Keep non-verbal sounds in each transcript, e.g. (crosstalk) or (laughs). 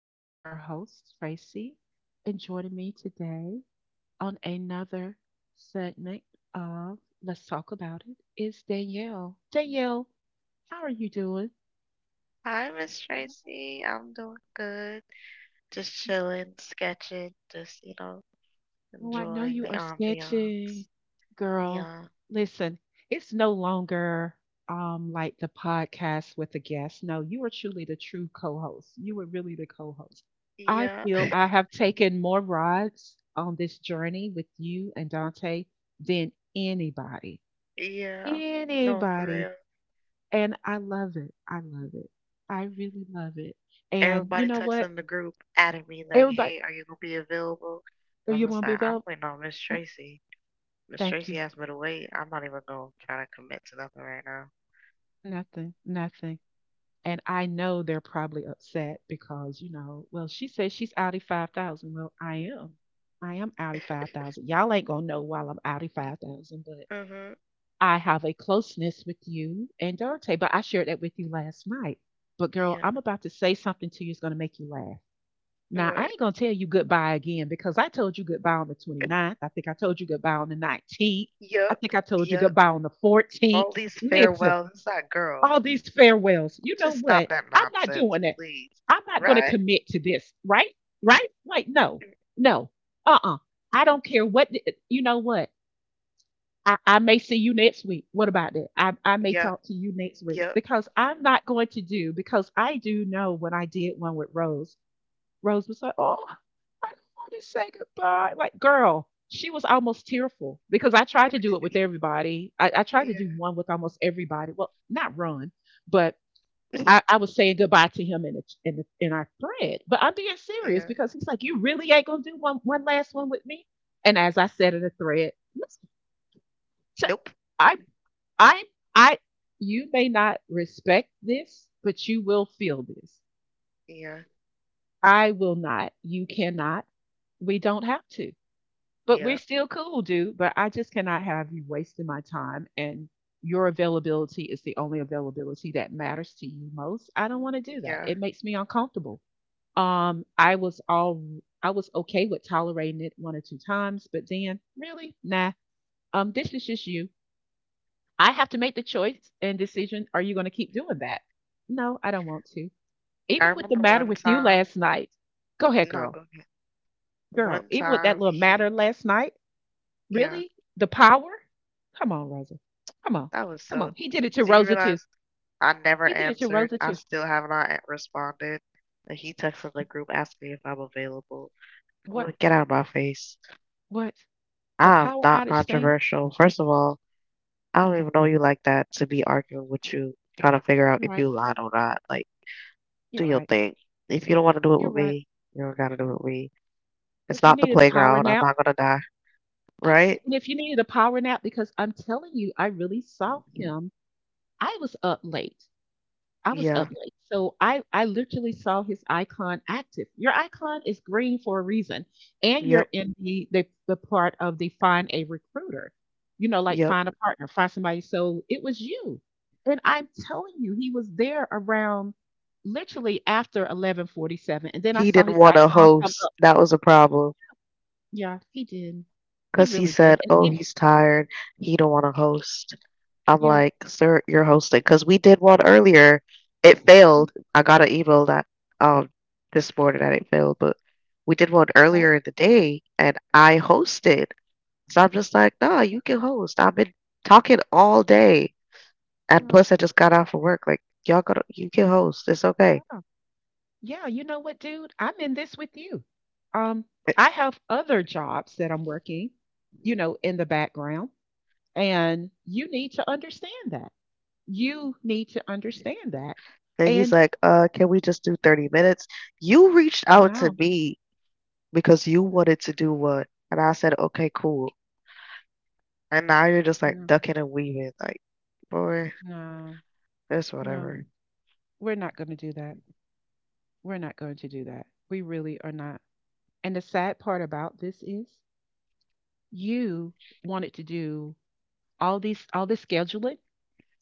This is your host, Tracy, and joining me today on another segment of Let's Talk About It is Danielle. Danielle, how are you doing? Hi, Miss Tracy. I'm doing good. Just chilling, sketching, Oh, I know enjoying you the are sketching. ambiance. Girl, Yeah, listen, it's no longer like the podcast with the guest. No, you are truly the true co-host. You are really the co-host. I yeah, feel I have taken more rides on this journey with you and Dante than anybody. (laughs) yeah. No, for Anybody. real. And I love it. I love it. I really love it. And you Everybody know texts what? in the group, adding me like, Everybody, hey, are you gonna be available? are I'm you just gonna be like, I'm available? waiting on Miss Mm. Tracy. Miss Thank you. Tracy asked me to wait. I'm not even gonna try to commit to nothing right now. Nothing. Nothing. And I know they're probably upset because, you know, well, she says she's outie 5,000. Well, I am. I am outie 5,000. Y'all ain't going to know while I'm outie 5,000, but Mm-hmm. I have a closeness with you and Dante, but I shared that with you last night. But girl, Yeah. I'm about to say something to you that's going to make you laugh. Now, I What? ain't going to tell you goodbye again because I told you goodbye on the 29th. I think I told you goodbye on the 19th. I Yep. think I told you Yep. goodbye on the 14th. All these Listen, farewells. It's that girl. all these farewells. You know Just what? stop that I'm not nonsense, doing it. please. I'm not going to Right? commit to this, right? Right? Like, no, Mm. no, uh, I don't care what, you know what? I may see you next week. What about that? I may Yep. talk to you next week Yep. because I'm not going to do, because I do know when I did one with Rose, Rose was like, oh, I don't want to say goodbye. Like, girl, she was almost tearful because I tried to do it with everybody. I tried to do Yeah. one with almost everybody. Well, not run, but I, (clears throat) (laughs) I was saying goodbye to him in the, in our thread, but I'm being serious Yeah. because he's like, "You really ain't gonna do one last one with me." And as I said in the thread, listen, Nope. I I I you may not respect this, but you will feel this. Yeah. I will not. You cannot. We don't have to. But we're Yeah. still cool, dude. But I just cannot have you wasting my time and your availability is the only availability that matters to you most. I don't want to do that. Yeah. It makes me uncomfortable. Um, I was all I was okay with tolerating it one or two times, but then really, nah. This is just you. I have to make the choice and decision. Are you going to keep doing that? No, I don't want to. I Even with the remember matter one with you time. last night. Go ahead, No, girl. go ahead. Girl, One even with that time little matter he. last night, Yeah. really? The power? Come on, Rosa. Come on. That was Come so. on. He did it to Do you Rosa too. realize I never He did it to answered? Rosa I too. still have not a- responded. And he texted the group asking me if I'm available. What Well, get out of my face. what? The I'm power not outage thing? controversial. First of all, I don't even know you like that to be arguing with you, trying to figure out You're if right. you lied or not. Like, do You're your right. thing. If you don't want to do it You're with right. me, you don't gotta do it with me. It's If you not the needed a power playground. I'm nap, not gonna die, right? absolutely. And if you needed a power nap, because I'm telling you, I really saw him. I was up late. I was up Yeah. late. So I literally saw his icon active. Your icon is green for a reason. And you're Yep. in the part of the find a recruiter, you know, like Yep. find a partner, find somebody. So it was you. And I'm telling you, he was there around literally after 1147. And then I He saw didn't his want to icon come host. up. That was a problem. Yeah, he did. He Because he really did. said, And "Oh, it, he's tired. He don't want to host." I'm yeah. like, "Sir, you're hosting." Because we did one earlier. It Mm-hmm. failed. I got an email that um this morning that it failed, but we did one earlier in the day, and I hosted. So I'm just like, "Nah, you can host." I've been talking all day, and Uh-huh. plus I just got out from work. Like, y'all gotta, you can host. It's okay. Yeah, you know what, dude? I'm in this with you. Um, I have other jobs that I'm working, you know, in the background, and you need to understand that. You need to understand that. And he's And like, can we just do 30 minutes?" You reached out to no, me because you no, wanted to do what? And I said, okay, cool. And now you're just like no, ducking and weaving. Like, boy, no, that's no, whatever. we're not going to do that. We're not going to do that. We really are not. And the sad part about this is you wanted to do all this scheduling,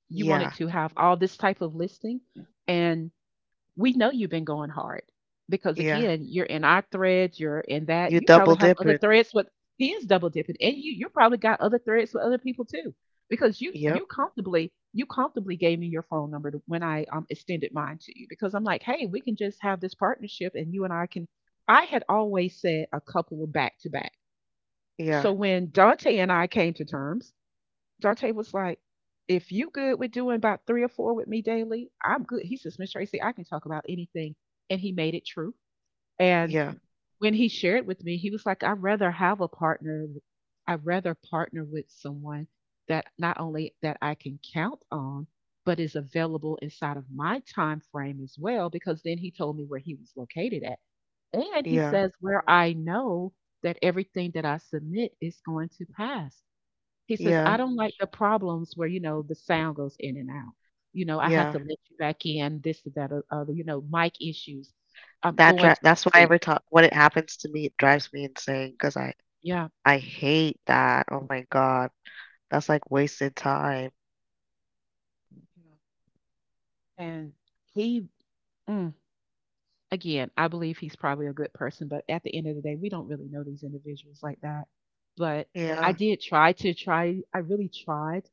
you wanted Yeah, to have all this type of listing, and we know you've been going hard because yeah. again you're in our threads, you're in that, You you double probably have other dipping. threads with, he is double dipping and you probably got other threads with other people too because you Yep. you comfortably, you comfortably gave me your phone number when I extended mine to you because I'm like, hey, we can just have this partnership and you and I can, I had always said a couple of back to back, so Yeah, when Dante and I came to terms, Darte was like, if you good with doing about three or four with me daily, I'm good. He says, Miss Tracy, I can talk about anything. And he made it true. And yeah, when he shared with me, he was like, I'd rather have a partner. I'd rather partner with someone that not only that I can count on, but is available inside of my time frame as well, because then he told me where he was located at. And he yeah, says where I know that everything that I submit is going to pass. He says, yeah, "I don't like the problems where, you know, the sound goes in and out. You know, I have yeah. to let you back in, this and that or other, you know, mic issues. I'm That going dri- to that's why sleep." every time when it happens to me, it drives me insane because I Yeah. I hate that. Oh my God, that's like wasted time. Yeah. And he, mm, again, I believe he's probably a good person, but at the end of the day, we don't really know these individuals like that. But I Yeah, did try, I really tried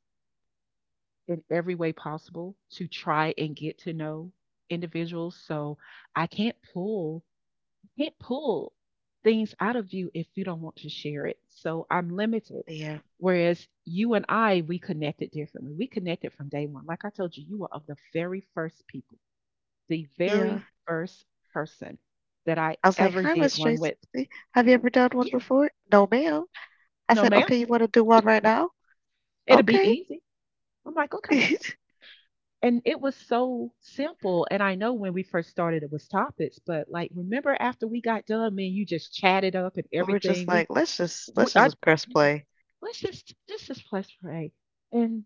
in every way possible to try and get to know individuals. So I can't pull, can't pull things out of you if you don't want to share it. So I'm limited. yeah, Whereas you and I, we connected differently. We connected from day one. Like I told you, you were of the very first people, the yeah. very first person that I I was like, ever hi, did Miss one Tracy. with. Have you ever done one Yeah, before? No, ma'am. I no, said, okay, ma'am, you want to do one right now? it'll be Okay. easy. I'm like, (laughs) okay. We're And it was so simple. And I know when we first started, it was topics, but like, remember after we got done, man, you just chatted up and just everything. Like, "Let's just we I, press play." let's just play spray. And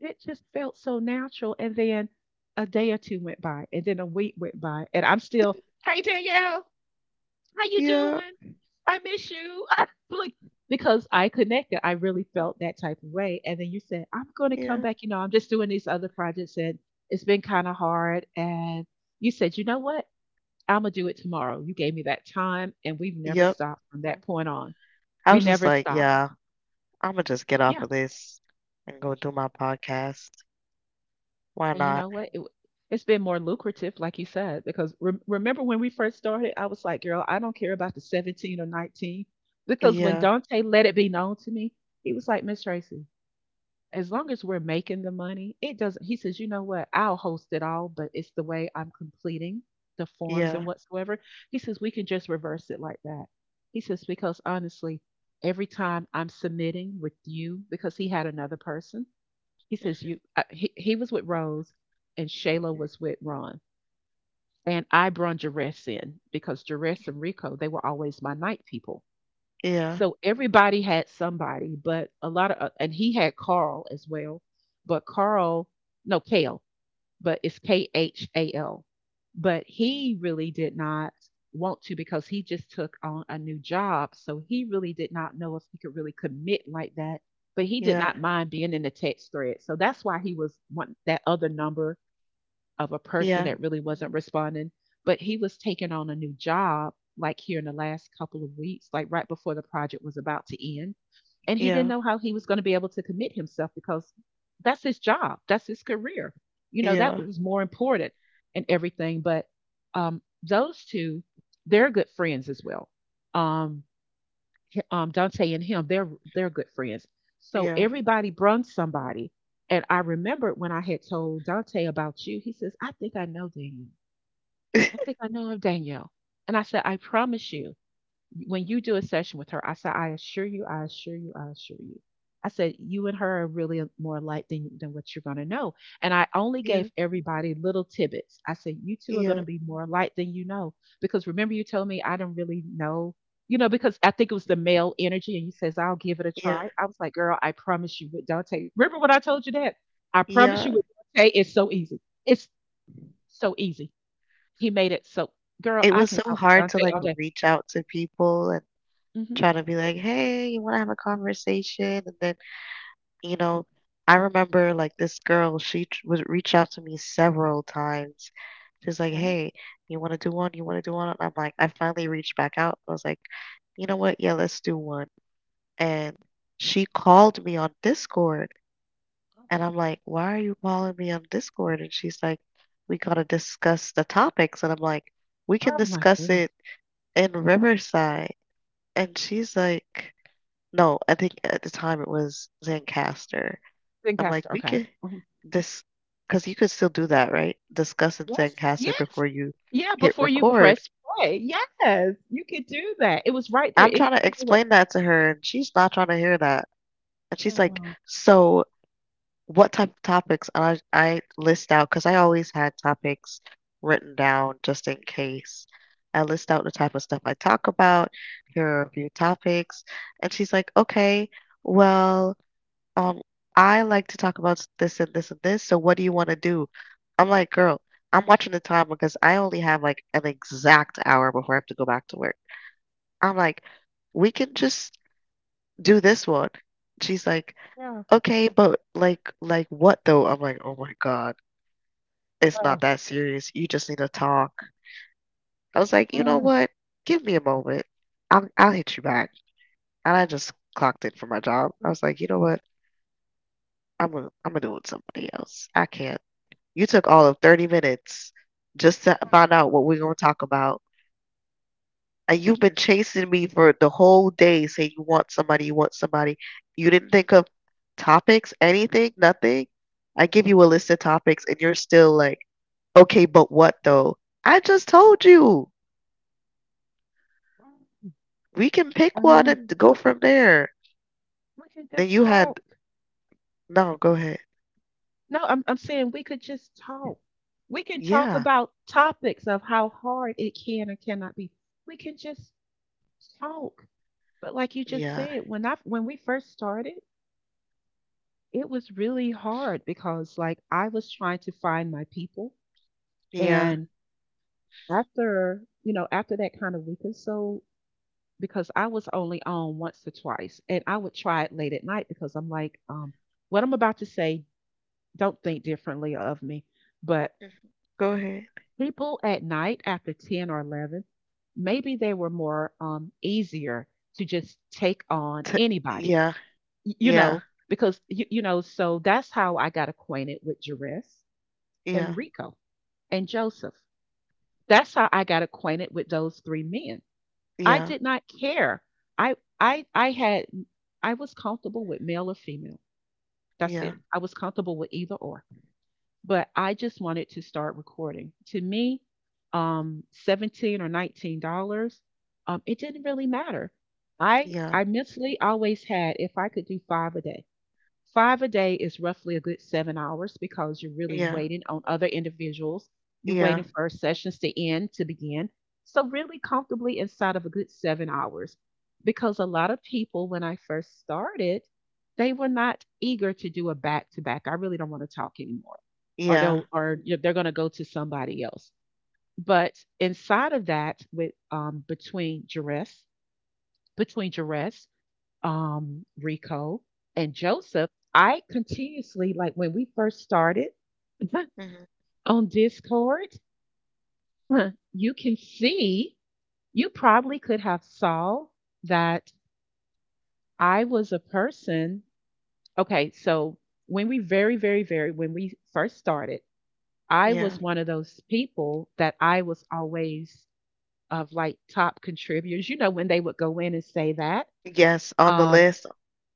it just felt so natural. And then a day or two went by, and then a week went by, and I'm still, hey Danielle, how you Yeah, doing? I miss you. (laughs) Like, because I connected, I really felt that type of way. And then you said, I'm going to come yeah. back. You know, I'm just doing these other projects, and it's been kind of hard. And you said, you know what? I'm gonna do it tomorrow. You gave me that time, and we've never Yep. stopped from that point on. I We was just never like, stopped. Mhm. "Yeah, Imma just get off Yeah, of this and go do my podcast. Why and you not?" know what? It, it's been more lucrative, like you said, because remember when we first started, I was like, girl, I don't care about the 17 or 19. Because when Yeah, Dante let it be known to me, he was like, Miss Tracy, as long as we're making the money, it doesn't, he says, you know what? I'll host it all, but it's the way I'm completing the forms yeah. and whatsoever. He says, we can just reverse it like that. He says, because honestly, every time I'm submitting with you, because he had another person, he says you. Mhm. He, was with Rose, and Shayla was with Ron, and I brung Jerez in because Jerez and Rico, they were always my night people. Yeah, So everybody had somebody, but a lot of and he had Carl as well, but Carl, no, Kale, but it's Khal. But he really did not want to because he just took on a new job. So he really did not know if he could really commit like that. But he did yeah, not mind being in the text thread. So that's why he was wanting that other number of a person yeah, that really wasn't responding, but he was taking on a new job like here in the last couple of weeks, like right before the project was about to end. And he didn't yeah, know how he was going to be able to commit himself because that's his job, that's his career. You know, that yeah, was more important and everything. But those two, they're good friends as well. Um, Dante and him, they're good friends. So yeah. everybody brung somebody, and I remembered when I had told Dante about you. He says, "I think I know Danielle. I think (laughs) I know of Danielle." And I said, "I promise you, when you do a session with her," I said, I assure you, I assure you, I assure you. I said, you and her are really more alike than, what you're going to know. And I only Yeah, gave everybody little tidbits. I said, you two are going yeah, to be more alike than you know. Because remember, you told me I didn't really know, because I think it was the male energy. And you says, I'll give it a yeah, try. I was like, girl, I promise you with Dante. Remember when I told you that? I promise you yeah. with Dante, it's so easy. It's so easy. He made it so, girl, It I was can so talk to hard to, Dante like, all day. reach out to people and Hmm. try to be like, "Hey, you wanna have a conversation?" And then you know, I remember like this girl, would reach out to me several times. She's like, hey, you want to do one? You want to do one? I'm like, I finally reached back out. I was like, you know what? Yeah, let's do one. And she called me on Discord. And I'm like, why are you calling me on Discord? And she's like, we got to discuss the topics. And I'm like, we can Oh my discuss goodness. it in Riverside. And she's like, no, I think at the time it was Lancaster. I'm Zencastr, like, we okay. could Mhm. this because you could still do that, right? Discuss in Yes, Zencaster yes. before you Yeah, hit before you record. press play. Yes, you could do that. It was right there. I'm It's trying to you know what? explain that to her, and she's not trying to hear that. And Oh, she's like, wow. "So, what type of topics?" And I list out because I always had topics written down just in case. I list out the type of stuff I talk about. Here are a few topics, and she's like, "Okay, well." um, I like to talk about this and this and this. So what do you want to do? I'm like, girl, I'm watching the time because I only have like an exact hour before I have to go back to work. I'm like, we can just do this one. She's like, Yeah, okay, but like what though? I'm like, oh my God, it's not wow. that serious. You just need to talk. I was like, you know Mm, what? Give me a moment. I'll hit you back. And I just clocked in for my job. I was like, you know what? I'm gonna do it with somebody else. I can't. You took all of 30 minutes just to find out what we're going to talk about. And you've been chasing me for the whole day saying you want somebody, you want somebody. You didn't think of topics, anything, nothing. I give you a list of topics and you're still like, okay, but what though? I just told you mm, we can pick one mhm. and go from there. We could Then just you talk. had, no, go ahead. No, I'm saying we could just talk. We can talk Yeah, about topics of how hard it can or cannot be. We can just talk. But like you just yeah, said, when I when we first started, it was really hard because like I was trying to find my people. yeah. After after that kind of week or so, because I was only on once or twice and I would try it late at night because I'm like, what I'm about to say, don't think differently of me, but Mhm. Go ahead. people at night after 10 or 11, maybe they were more easier to just take on T- anybody. yeah, You yeah, know, because so that's how I got acquainted with Jerez yeah, and Rico and Joseph. That's how I got acquainted with those three men. I yeah, did not care. I had, I was comfortable with male or female. That's yeah, it. I was comfortable with either or. But I just wanted to start recording. To me, $17 or $19, it didn't really matter. I yeah. I mentally always had, if I could do 5 a day. Five a day is roughly a good 7 hours because you're really Yeah. waiting on other individuals. You're Yeah. waiting for sessions to end to begin. So, really comfortably inside of a good 7 hours. Because a lot of people, when I first started, they were not eager to do a back to back. I really don't want to talk anymore. Or Yeah. they'll, or you know, they're going to go to somebody else. But inside of that, with between duress, between duress, Rico and Joseph, I continuously, like when we first started (laughs) Hmm. on Discord, you can see, you probably could have saw that I was a person. Okay, so when we when we first started, I Yeah. was one of those people that I was always of like top contributors. You know, when they would go in and say that. Yes, on the Um, list.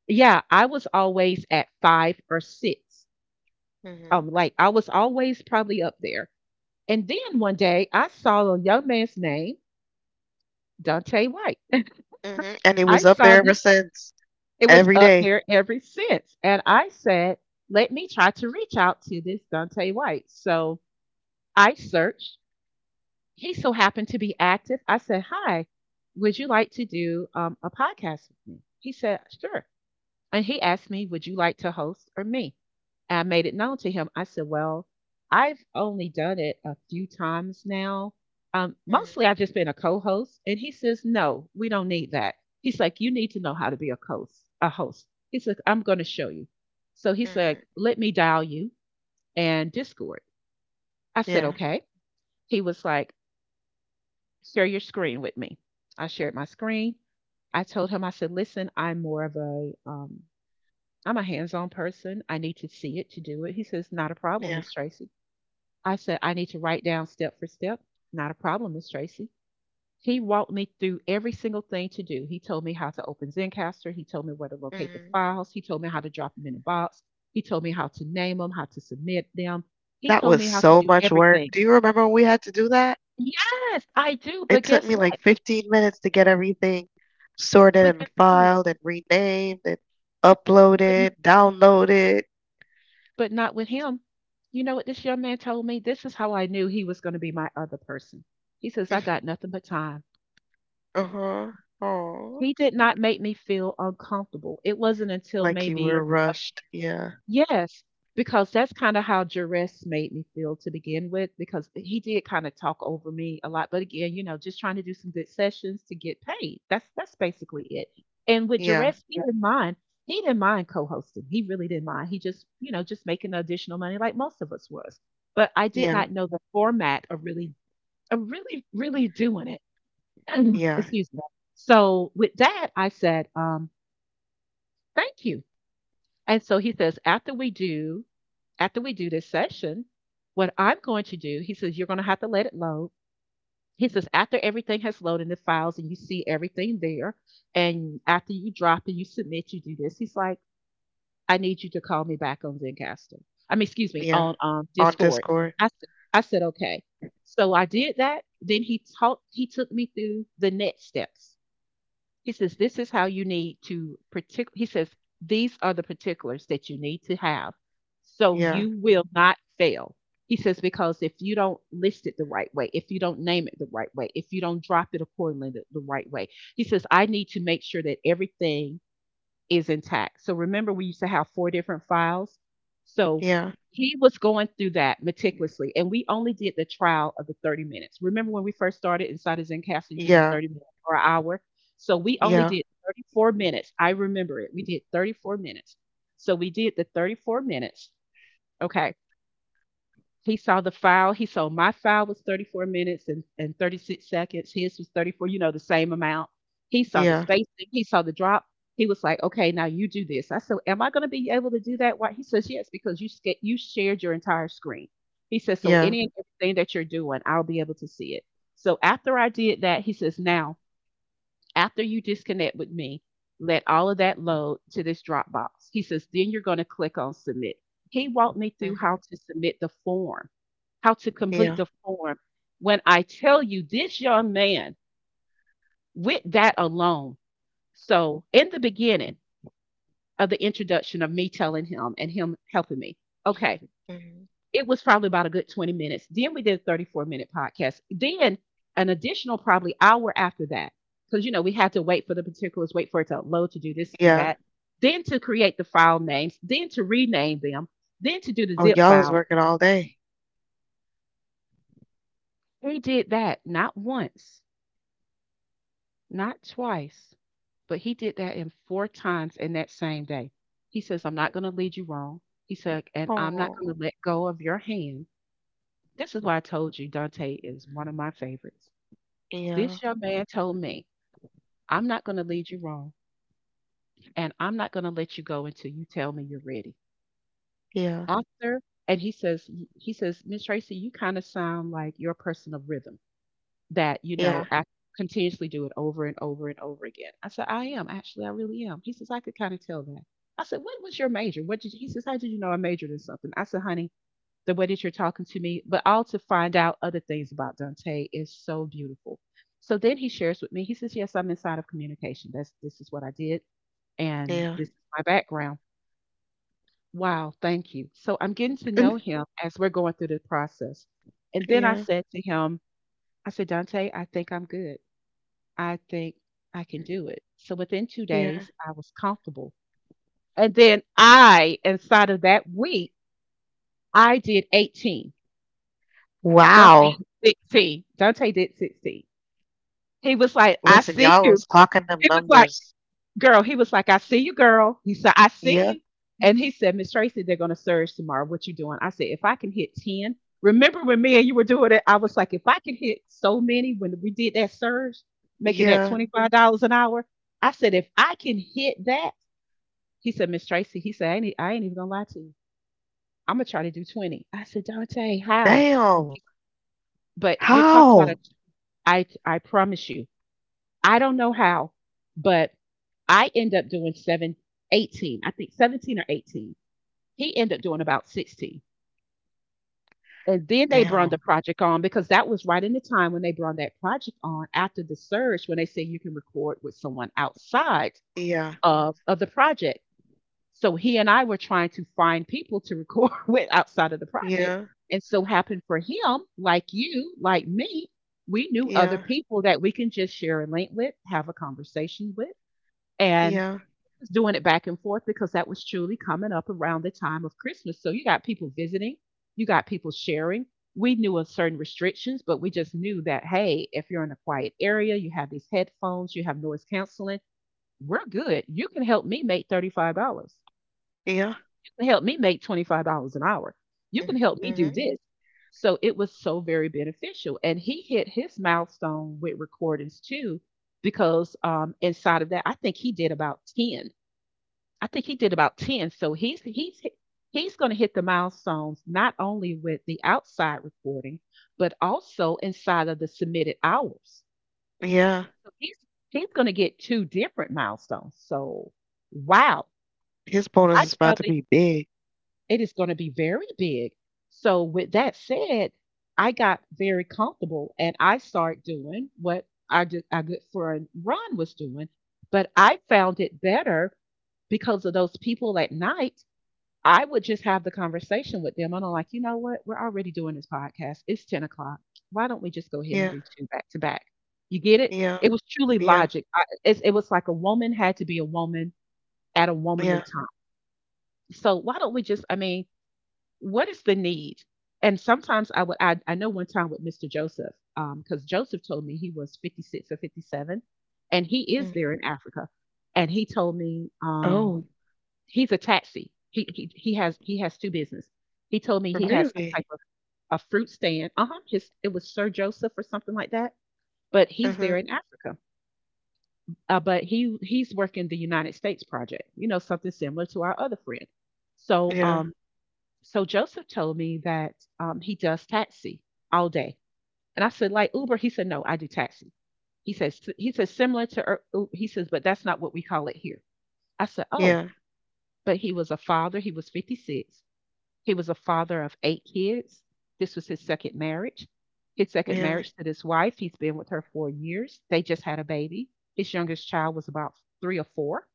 yeah, I was always at 5 or 6. Hmm. Like I was always probably up there. And then one day I saw a young man's name, Dante White. And it I was up saw there ever this, since, it was every up day. there ever since. And I said, let me try to reach out to this Dante White. So I searched. He so happened to be active. I said, hi, would you like to do a podcast with me? He said, sure. And he asked me, would you like to host or me? And I made it known to him. I said, well, I've only done it a few times now. Mostly Mm-hmm. I've just been a co host. And he says, no, we don't need that. He's like, you need to know how to be a host, a host. He said, I'm gonna show you. So he said, Mm-hmm. let me dial you and Discord. I said, Yeah. okay. He was like, share your screen with me. I shared my screen. I told him, I said, listen, I'm more of a I'm a hands on person. I need to see it to do it. He says, not a problem, Yeah. Miss Tracy. I said, I need to write down step for step. Not a problem, Miss Tracy. He walked me through every single thing to do. He told me how to open Zencaster. He told me where to locate the Hmm. files. He told me how to drop them in a box. He told me how to name them, how to submit them. He That told was me how to so do much work. everything. Do you remember when we had to do that? Yes, I do. It But took guess me like what? 15 minutes to get everything sorted But and guess what? filed and renamed and But uploaded, downloaded. Not with him. You know what this young man told me? This is how I knew he was going to be my other person. He says, I got (laughs) nothing but time. Uh-huh. Oh, He did not make me feel uncomfortable. It wasn't until like you maybe, were rushed. Yeah. yes, because that's kind of how duress made me feel to begin with, because he did kind of talk over me a lot. But again, you know, just trying to do some good sessions to get paid. That's basically it. And with Yeah. duress, he, yeah, didn't mind. He didn't mind co-hosting. He really didn't mind. He just, you know, just making additional money like most of us was. But I did Yeah. not know the format of really, of really doing it. (clears throat) Yeah. Excuse me. So with that, I said, thank you. And so he says, after we do this session, what I'm going to do, he says, you're going to have to let it load. He says, after everything has loaded in the files and you see everything there, and after you drop and you submit, you do this. He's like, I need you to call me back on Zencastr. I mean, excuse me, Yeah. on On Discord. Discord. I said, okay. So I did that. He took me through the next steps. He says, this is how you need to particular." He says, these are the particulars that you need to have so you Yeah. will not fail. He says, because if you don't list it the right way, if you don't name it the right way, if you don't drop it accordingly the right way, he says, I need to make sure that everything is intact. So remember, we used to have 4 different files. So Yeah. he was going through that meticulously, and we only did the trial of the 30 minutes. Remember when we first started inside of Zencastr, you can do Yeah. 30 minutes or an hour. So we only Yeah. did 34 minutes. I remember it. We did 34 minutes. So we did the 34 minutes. Okay. He saw the file. He saw my file was 34 minutes and, 36 seconds. His was 34, you know, the same amount. He saw the Yeah. spacing. He saw the drop. He was like, okay, now you do this. I said, am I going to be able to do that? Why? He says, yes, because you shared your entire screen. He says, so Yeah. any and everything that you're doing, I'll be able to see it. So after I did that, he says, now after you disconnect with me, let all of that load to this Dropbox. He says, then you're going to click on submit. He walked me through how Mhm. to submit the form, how to complete Yeah. the form. When I tell you this young man, with that alone, so in the beginning of the introduction of me telling him and him helping me, okay, Mhm. it was probably about a good 20 minutes. Then we did a 34-minute podcast. Then an additional probably hour after that. Because you know, we had to wait for the particulars, wait for it to load to do this, to do Yeah. that, then to create the file names, then to rename them, then to do the Oh, zip y'all is file. working all day. He did that not once, not twice, but he did that in 4 times in that same day. He says, I'm not gonna lead you wrong. He said, and I'm not gonna Oh. let go of your hand. This is why I told you Dante is one of my favorites. Yeah. This young man told me, "I'm not gonna lead you wrong, and I'm not gonna let you go until you tell me you're ready." Yeah. After And he says, "Miss Tracy, you kinda sound like you're a person of rhythm that, you know, Yeah. I continuously do it over and over and over again." I said, "I am, actually, I really am." He says, "I could kinda tell that." I said, "What was your major? What did you" he says, "How did you know I majored in something?" I said, "Honey, the way that you're talking to me, but all to find out other things about Dante is so beautiful. So then he shares with me, he says, yes, I'm inside of communication. That's this is what I did and Yeah. this is my background. Wow, thank you. So I'm getting to know (laughs) him as we're going through the process. And then I Yeah. said to him, I said, Dante, I think I'm good. I think I can do it. So within two Yeah. days, I was comfortable. And then inside of that week, I did 18. Dante Wow. did 60. Dante did 60. He was like, I Listen, see y'all you. was clocking them He was like, numbers. girl, he was like, I see you, girl. He said, I see Yeah. you. And he said, Miss Tracy, they're going to surge tomorrow. What you doing? I said, if I can hit 10. Remember when me and you were doing it? I was like, if I can hit so many when we did that surge, making that Yeah. $25 an hour. I said, if I can hit that, he said, Miss Tracy, he said, I ain't even going to lie to you. I'm going to try to do 20. I said, Dante, how? Damn. But you're talking about a, How? I promise you, I don't know how, but I end up doing seven, 18. I think 17 or 18. He ended up doing about 16. And then they brung the Damn. project on because that was right in the time when they brung that project on after the surge when they said you can record with someone outside Yeah. Of the project. So he and I were trying to find people to record (laughs) with outside of the project. Yeah. And so happened for him, like you, like me, we knew other Yeah. people that we can just share a link with, have a conversation with, and Yeah. doing it back and forth because that was truly coming up around the time of Christmas. So you got people visiting, you got people sharing. We knew of certain restrictions, but we just knew that, hey, if you're in a quiet area, you have these headphones, you have noise canceling, we're good. You can help me make $35. Yeah. You can help me make $25 an hour. You Mm-hmm. can help me Mm-hmm. do this. So it was so very beneficial. And he hit his milestone with recordings too, because inside of that, I think he did about 10. So he's he's going to hit the milestones not only with the outside recording, but also inside of the submitted hours. Yeah. So he's going to get two different milestones. So wow, His bonus I is about to probably be big. it is going to be very big. So with that said, I got very comfortable and I start doing what our, our good friend Ron was doing, but I found it better because of those people at night I would just have the conversation with them. And I'm like, you know what? We're already doing this podcast. It's 10 o'clock. Why don't we just go ahead and Yeah. do two back to back? You get it? It Yeah, was truly yeah, logic. It was like a woman had to be a woman at a womanly yeah. time. So why don't we just, I mean, what is the need? And sometimes I know one time with Mr. Joseph, because Joseph told me he was 56 or 57, and he is there Mm. in Africa. And he told me, Oh, he's a taxi. He has two business. He told me he has some really? type of a fruit stand. Uh huh. His it was Sir Joseph or something like that. But he's Uh-huh. there in Africa. But he's working the United States project. You know something similar to our other friend. So Yeah, so Joseph told me that he does taxi all day. And I said like Uber. He said no, I do taxi. He says similar to he says but that's not what we call it here. I said oh yeah, but he was a father. He was a father of 8 kids. This was his 2nd marriage. His 2nd yeah, marriage to this wife, he's been with her for years. They just had a baby. His youngest child was about 3 or 4,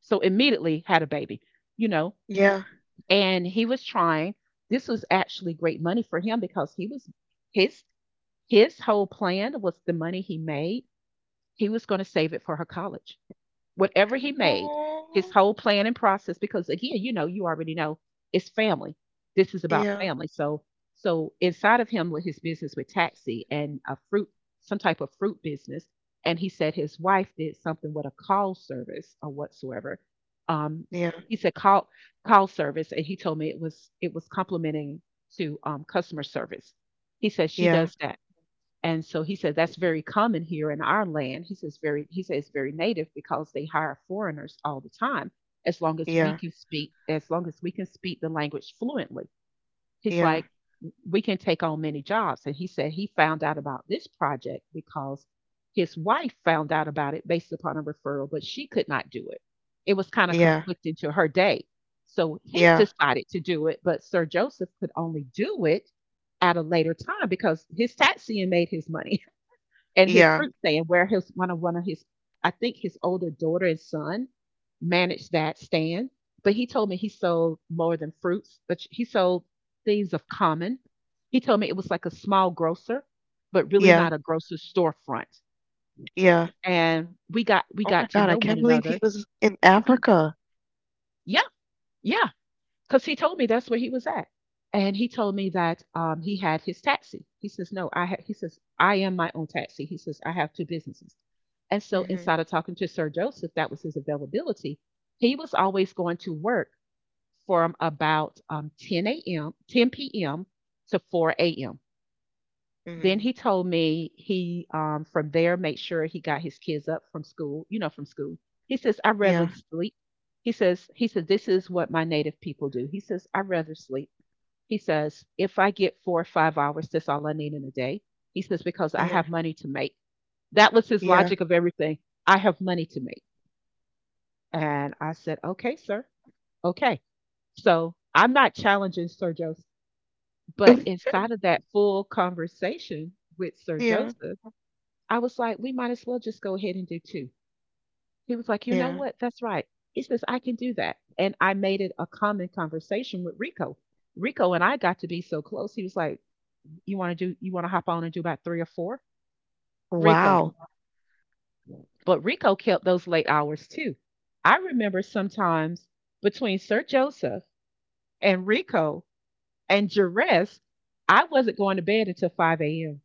so immediately had a baby, you know, yeah. and he was trying this was actually great money for him because he was his his whole plan was the money he made, he was gonna save it for her college whatever he made, his Oh, whole plan and process, because again, you know, you already know it's family. This is about yeah, family. So inside of him with his business with taxi and a fruit, some type of fruit business, and he said his wife did something with a call service or whatsoever. Um, yeah, he said call service, and he told me it was complimenting to customer service. He said she yeah, does that and so he said that's very common here in our land. He says very native because they hire foreigners all the time yeah, as long as we can speak the language fluently. He's yeah, like we can take on many jobs and he said he found out about this project because his wife found out about it based upon a referral but she could not do it. It was kind of yeah, conflicting to her day. So he yeah, decided to do it, but Sir Joseph could only do it at a later time because his taxiing made his money and his yeah, fruit stand where his one of his I think his older daughter and son managed that stand. But he told me he sold more than fruits, but he sold things of common. He told me it was like a small grocer, but really yeah, not a grocer storefront. yeah. And we Oh my got to God, I know one can't believe he another. was in (clears throat) Africa. Yeah, yeah, because he told me that's where he was at. And he told me that he had his taxi. He says, "No, he says I am my own taxi." He says, "I have two businesses." And so, Mm-hmm. inside of talking to Sir Joseph, that was his availability. He was always going to work from about 10 a.m., 10 p.m. to 4 a.m. Then Mm-hmm. he told me from there, made sure he got his kids up from school, you know, from school. He says, I rather Yeah, sleep. He said, this is what my native people do. He says, I rather sleep. He says, if I get 4 or 5 hours, that's all I need in a day. He says, because I yeah, have money to make. That was his yeah, logic of everything. I have money to make. And I said, okay, sir. Okay. So I'm not challenging Sir Joseph, but (laughs) inside of that full conversation with Sir yeah, Joseph, I was like, we might as well just go ahead and do two. He was like, you know yeah. what? That's right. He says, I can do that. And I made it a common conversation with Rico. Rico and I got to be so close. He was like, you want to hop on and do about three or four? Rico. Wow. But Rico kept those late hours too. I remember sometimes between Sir Joseph and Rico and Jerez, I wasn't going to bed until 5 a.m.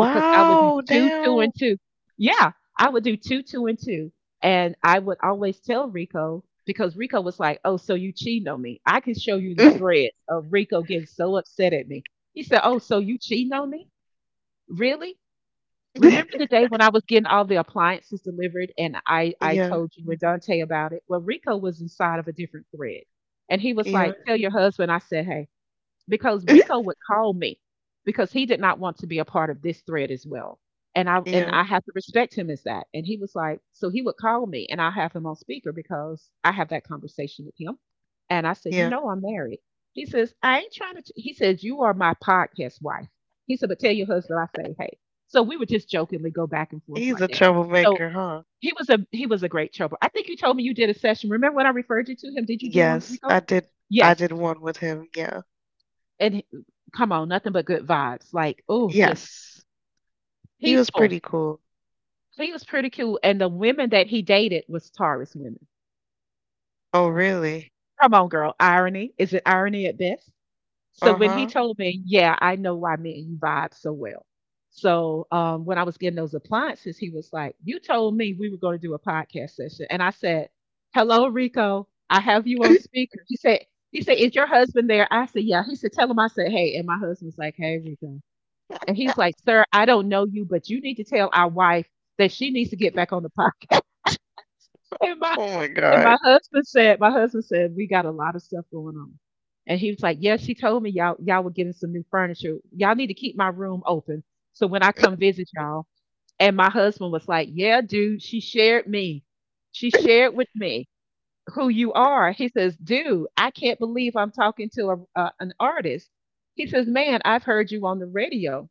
because I would do two, two, damn. and two. Yeah, I would do two, two, and two. And I would always tell Rico because Rico was like, oh, so you cheating on me. I can show you the (laughs) threads of Rico getting so upset at me. He said, oh, so you cheating on me? Really? Remember the day when I was getting all the appliances delivered and I Yeah, told you and Dante about it? Well, Rico was inside of a different thread. And he was yeah, like, tell your husband I said, hey, because Rico (laughs) would call me because he did not want to be a part of this thread as well. And yeah, I have to respect him as that. And he was like, so he would call me and I have him on speaker because I have that conversation with him. And I said, you yeah. know I'm married. He says, "I ain't trying to t-" he says, "You are my podcast wife." He said, but tell your husband I say, hey. So we would just jokingly go back and forth He's right a there. So troublemaker, huh? He was a great trouble. I think you told me you did a session. Remember when I referred you to him? Did you do one with Yes, Rico? I did. I Yes. did one with him. Yeah. And he come on, nothing but good vibes. Like, oh, just Yes. He was peaceful. pretty cool. He was pretty cool. And the women that he dated was Taurus women. Oh, really? Come on, girl. Irony. Is it irony at best? So when he Uh-huh. told me, yeah, I know why me and you vibe so well. So when I was getting those appliances, he was like, you told me we were going to do a podcast session. And I said, hello, Rico. I have you on speaker. He said, is your husband there? I said, yeah. He said, tell him I said, hey. And my husband's like, hey, Rico. And he's like, sir, I don't know you, but you need to tell our wife that she needs to get back on the podcast. (laughs) And my Oh my and God. My husband said, we got a lot of stuff going on. And he was like, yeah, she told me y'all were getting some new furniture. Y'all need to keep my room open. So when I come visit y'all. And my husband was like, yeah, dude, she shared me. She shared with me who you are. He says, dude, I can't believe I'm talking to an artist. He says, man, I've heard you on the radio.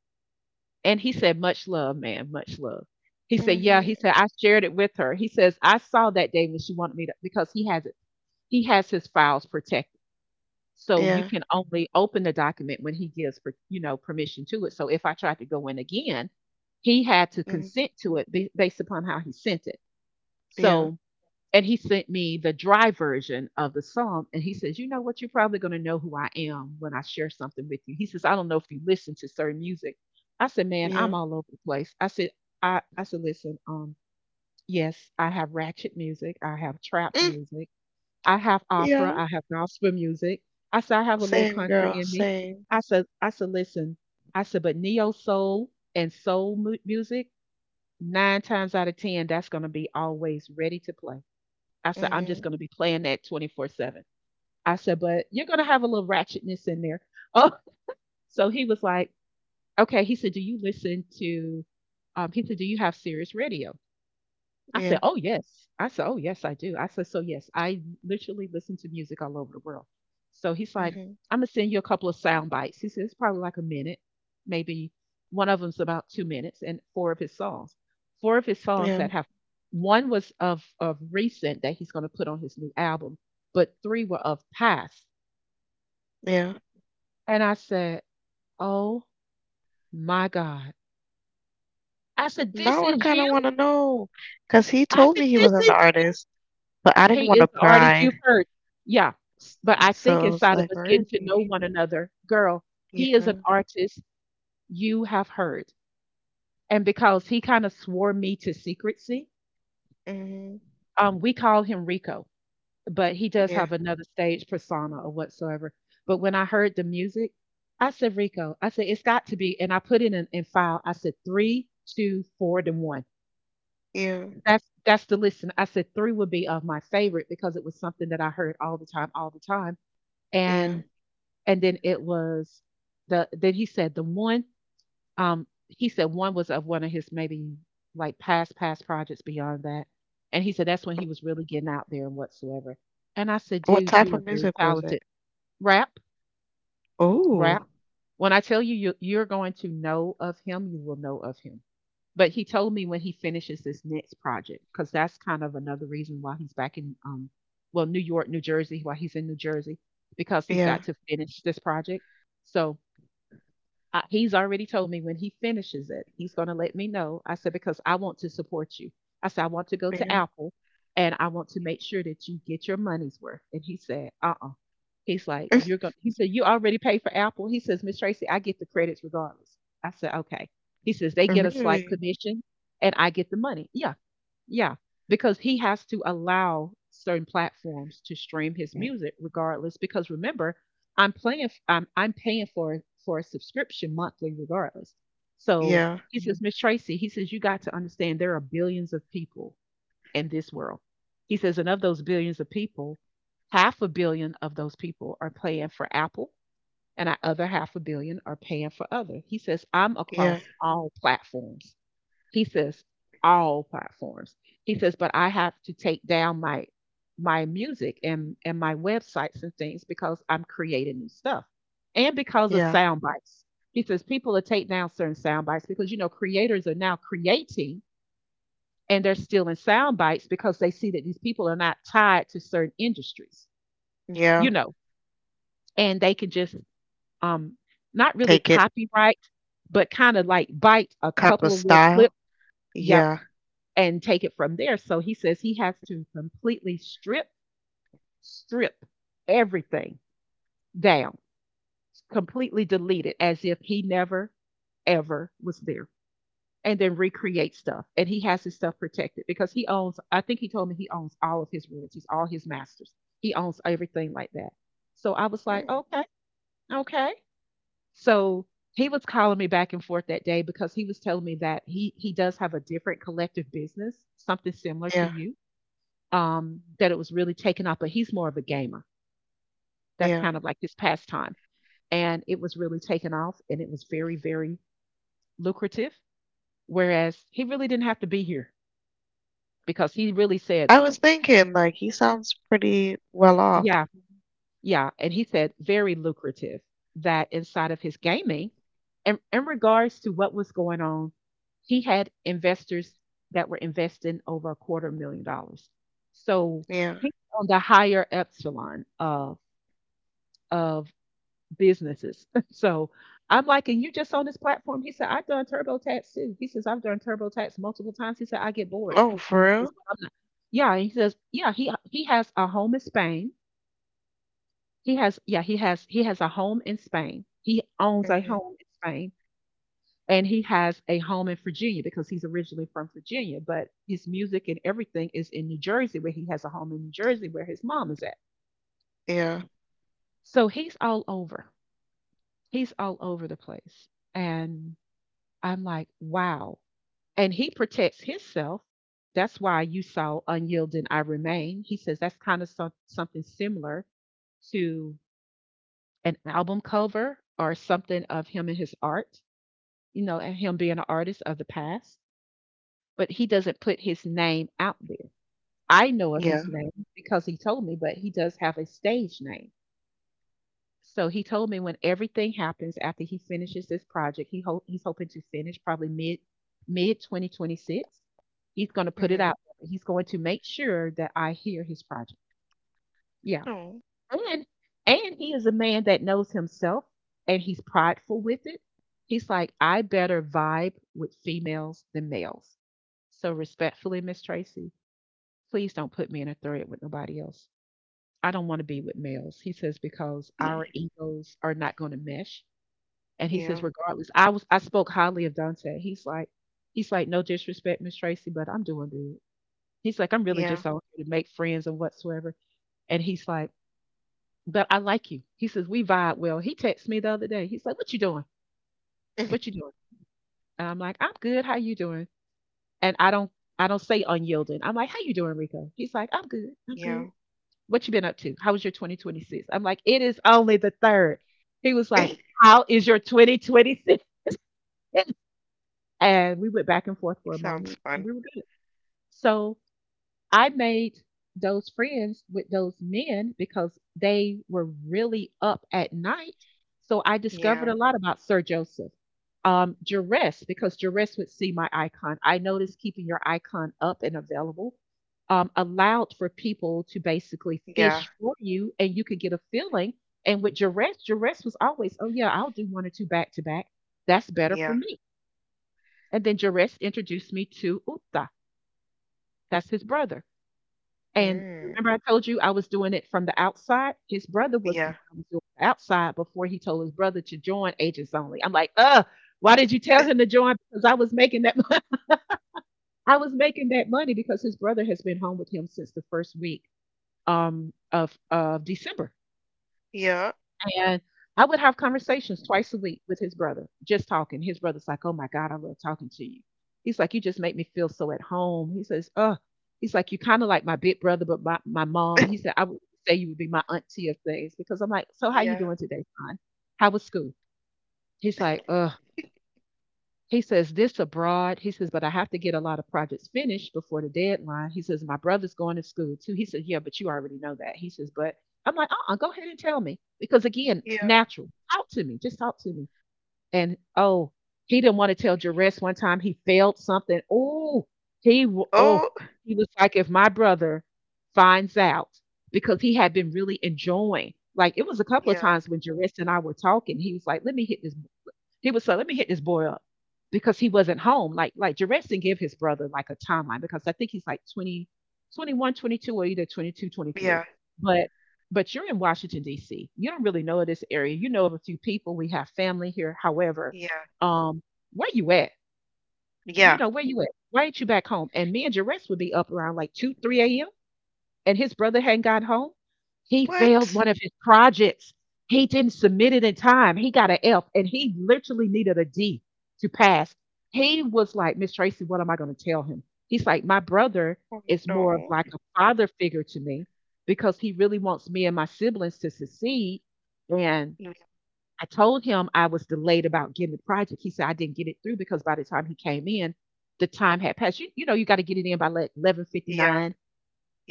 And he said, much love, man, much love. He said, yeah, he Mhm. said, I shared it with her. He says, I saw that day when she wanted me to because he has it, he has his files protected. So you Yeah. can only open the document when he gives permission to it. So if I tried to go in again, he had to Mhm. consent to it based upon how he sent it. Yeah. So and he sent me the dry version of the psalm. And he says, you know what, you're probably going to know who I am when I share something with you. He says, I don't know if you listen to certain music. I said, man, I'm Yeah. all over the place. I said, I said, listen, yes, I have ratchet music, I have trap Mm. music, I have opera, Yeah. I have gospel music. I said, I have a little Same country girl. in me. Same. I said, listen, I said, but neo soul and soul music, nine times out of ten that's going to be always ready to play. I said, I'm just Mhm. going to be playing that 24/7. I said, but you're going to have a little ratchetness in there. (laughs) Oh, so he was like, okay. He said, do you listen to, he said, do you have Sirius radio? I said, Yeah. "Oh yes." I said, "Oh yes, I do." I said, "So yes, I literally listen to music all over the world." So he's like, Mhm. "I'm gonna send you a couple of sound bites." He said, "It's probably like a minute, maybe one of them's about 2 minutes, and four of his songs, four of his songs Yeah. that have one was of recent that he's gonna put on his new album, but three were of past." Yeah. And I said, "Oh my God!" I said, "This Now I is kind you." of want to know, cause he I told said, me he "This was an is artist, but I didn't Kate want is to the artist pry. you've heard. Yeah. S- But I think So I was inside of like, us getting to know really? one another, girl, he is an Yeah. artist you have heard. And because he kind of swore me to secrecy, Mhm. We call him Rico, but he does Yeah. have another stage persona or whatsoever. But when I heard the music, I said, Rico, I said, it's got to be. And I put in an in file, I said, three, two, four, then one. Yeah. That's the listen. I said three would be of my favorite because it was something that I heard all the time, all the time. Yeah. and. And then it was the then he said the one, he said one was of one of his maybe like past projects beyond that. And he said that's when he was really getting out there and whatsoever. And I said, What dude, you type of are very music was it? talented. Rap, rap, Oh, when I tell you, you're going to know of him, you will know of him. But he told me when he finishes this next project, because that's kind of another reason why he's back in, well, New York, New Jersey, why he's in New Jersey, because he's yeah, got to finish this project. So I, he's already told me when he finishes it, he's going to let me know. I said, because I want to support you. I said, I want to go to yeah. Apple and I want to make sure that you get your money's worth. And he said, he's like, It's you're going to, he said, you already paid for Apple. He says, Miss Tracy, I get the credits regardless. I said, okay. He says, they get a slight really? commission and I get the money. Yeah. Yeah. Because he has to allow certain platforms to stream his music regardless. Because remember, I'm playing. I'm paying for a subscription monthly regardless. So Yeah, he, mhm, says, Miss Tracy, he says, you got to understand there are billions of people in this world. He says, and of those billions of people, half a billion of those people are paying for Apple, and our other half a billion are paying for other. He says, I'm yeah, across all platforms. He says all platforms. He says, but I have to take down my my music and my websites and things because I'm creating new stuff and because of yeah, sound bites. He says people will take down certain sound bites because you know creators are now creating and they're stealing sound bites because they see that these people are not tied to certain industries, yeah. you know, and they can just, um not really Take it, copyright, but kind of like bite a kind of couple of little clips. style. Yeah, Yeah, and take it from there. So he says he has to completely strip, strip everything down, completely delete it as if he never, ever was there, and then recreate stuff. And he has his stuff protected because he owns, I think he told me he owns all of his royalties, all his masters. He owns everything like that. So I was like, mm, okay, okay. So he was calling me back and forth that day because he was telling me that he does have a different collective business, something similar to yeah, you, that it was really taken off, but he's more of a gamer. That's yeah. kind of like his pastime. And it was really taken off and it was very, very lucrative. Whereas he really didn't have to be here because he really said, I was thinking, like, he sounds pretty well off. yeah, yeah. And he said, very lucrative that inside of his gaming, in regards to what was going on, he had investors that were investing over a quarter million dollars. So Yeah. he's on the higher epsilon of businesses. (laughs) So I'm like, and you just on this platform? He said, I've done TurboTax too. He says, I've done TurboTax multiple times. He said, I get bored. Oh, for He says, real? "Well, I'm not. Yeah, he says, yeah, he has a home in Spain. He has, yeah, he has a home in Spain. He owns a Mm-hmm. home in Spain, and he has a home in Virginia because he's originally from Virginia. But his music and everything is in New Jersey, where he has a home in New Jersey, where his mom is at. Yeah, So he's all over. He's all over the place, and I'm like, wow. And he protects himself. That's why you saw Unyielding I Remain. He says that's kind of some, something similar to an album cover or something of him and his art, you know, and him being an artist of the past. But he doesn't put his name out there. I know of yeah. his name because he told me, but he does have a stage name. So he told me when everything happens after he finishes this project, he hope he's hoping to finish probably mid 2026. He's going to put it Mm-hmm. out. He's going to make sure that I hear his project. Yeah. Oh, And and he is a man that knows himself and he's prideful with it. He's like, I better vibe with females than males. So respectfully, Miss Tracy, please don't put me in a thread with nobody else. I don't want to be with males. He says because our egos are not going to mesh. And he yeah, says, regardless, I was I spoke highly of Dante. He's like, no disrespect, Miss Tracy, but I'm doing good. He's like, I'm really yeah, just on here to make friends and whatsoever. And he's like, but I like you. He says, we vibe well. He texted me the other day. He's like, what you doing? What you doing? And I'm like, I'm good. How you doing? And I don't say unyielding. I'm like, how you doing, Rico? He's like, I'm good. (laughs) I'm good. yeah. What you been up to? How was your 2026? I'm like, it is only the third. He was (laughs) like, It how is your 2026? And we went back and forth for a sounds moment fun. and we were good. So I made those friends with those men because they were really up at night. So I discovered Yeah, a lot about Sir Joseph. Jerez, because Jerez would see my icon. I noticed keeping your icon up and available allowed for people to basically yeah, fish for you and you could get a feeling. And with Jerez, Jerez was always, oh, yeah, I'll do one or two back to back. That's better for yeah. me. And then Jerez introduced me to Upta. That's his brother. And Mm, remember, I told you I was doing it from the outside. His brother was the yeah, one I was doing the outside before he told his brother to join Agents Only. I'm like, why did you tell him to join? Because I was making that money. (laughs) I was making that money because his brother has been home with him since the first week of December. yeah, And I would have conversations twice a week with his brother, just talking. His brother's like, "Oh my God, I love talking to you." He's like, "You just make me feel so at home." He says, "Oh," he's like, "You kind of like my big brother, but my, mom." He (laughs) said, "I would say you would be my auntie of things," because I'm like, "So how you yeah, doing today, son? How was school?" He's like, "Ugh," he says this abroad. He says, "But I have to get a lot of projects finished before the deadline." He says, "My brother's going to school too." He says, "Yeah, but you already know that." He says, "But" I'm like, "Uh-uh, go ahead and tell me." Because again, yeah. natural. Talk to me. Just talk to me. And oh, he didn't want to tell Jerez one time he failed something. Oh, he w- oh, Oh. he was like, "If my brother finds out," because he had been really enjoying. Like it was a couple of Yeah, times when Jerez and I were talking, he was like, "Let me hit this he was so let me hit this boy up," because he wasn't home. Like Jarrett didn't give his brother like a timeline because I think he's like 20, 21, 22, or either 22, 23. yeah, But but you're in Washington D.C. You don't really know of this area. You know of a few people. We have family here. However, yeah, um, where you at? You yeah. know where you at? Why ain't you back home? And me and Jarrett would be up around like two, 3 a.m. and his brother hadn't got home. He failed What? one of his projects. He didn't submit it in time. He got an F and he literally needed a D to pass. He was like, "Miss Tracy, what am I going to tell him?" He's like, "My brother Oh is more of no. like a father figure to me because he really wants me and my siblings to succeed. And Yeah, I told him I was delayed about getting the project." He said, "I didn't get it through because by the time he came in, the time had passed." You know, you got to get it in by like yeah, 11:59,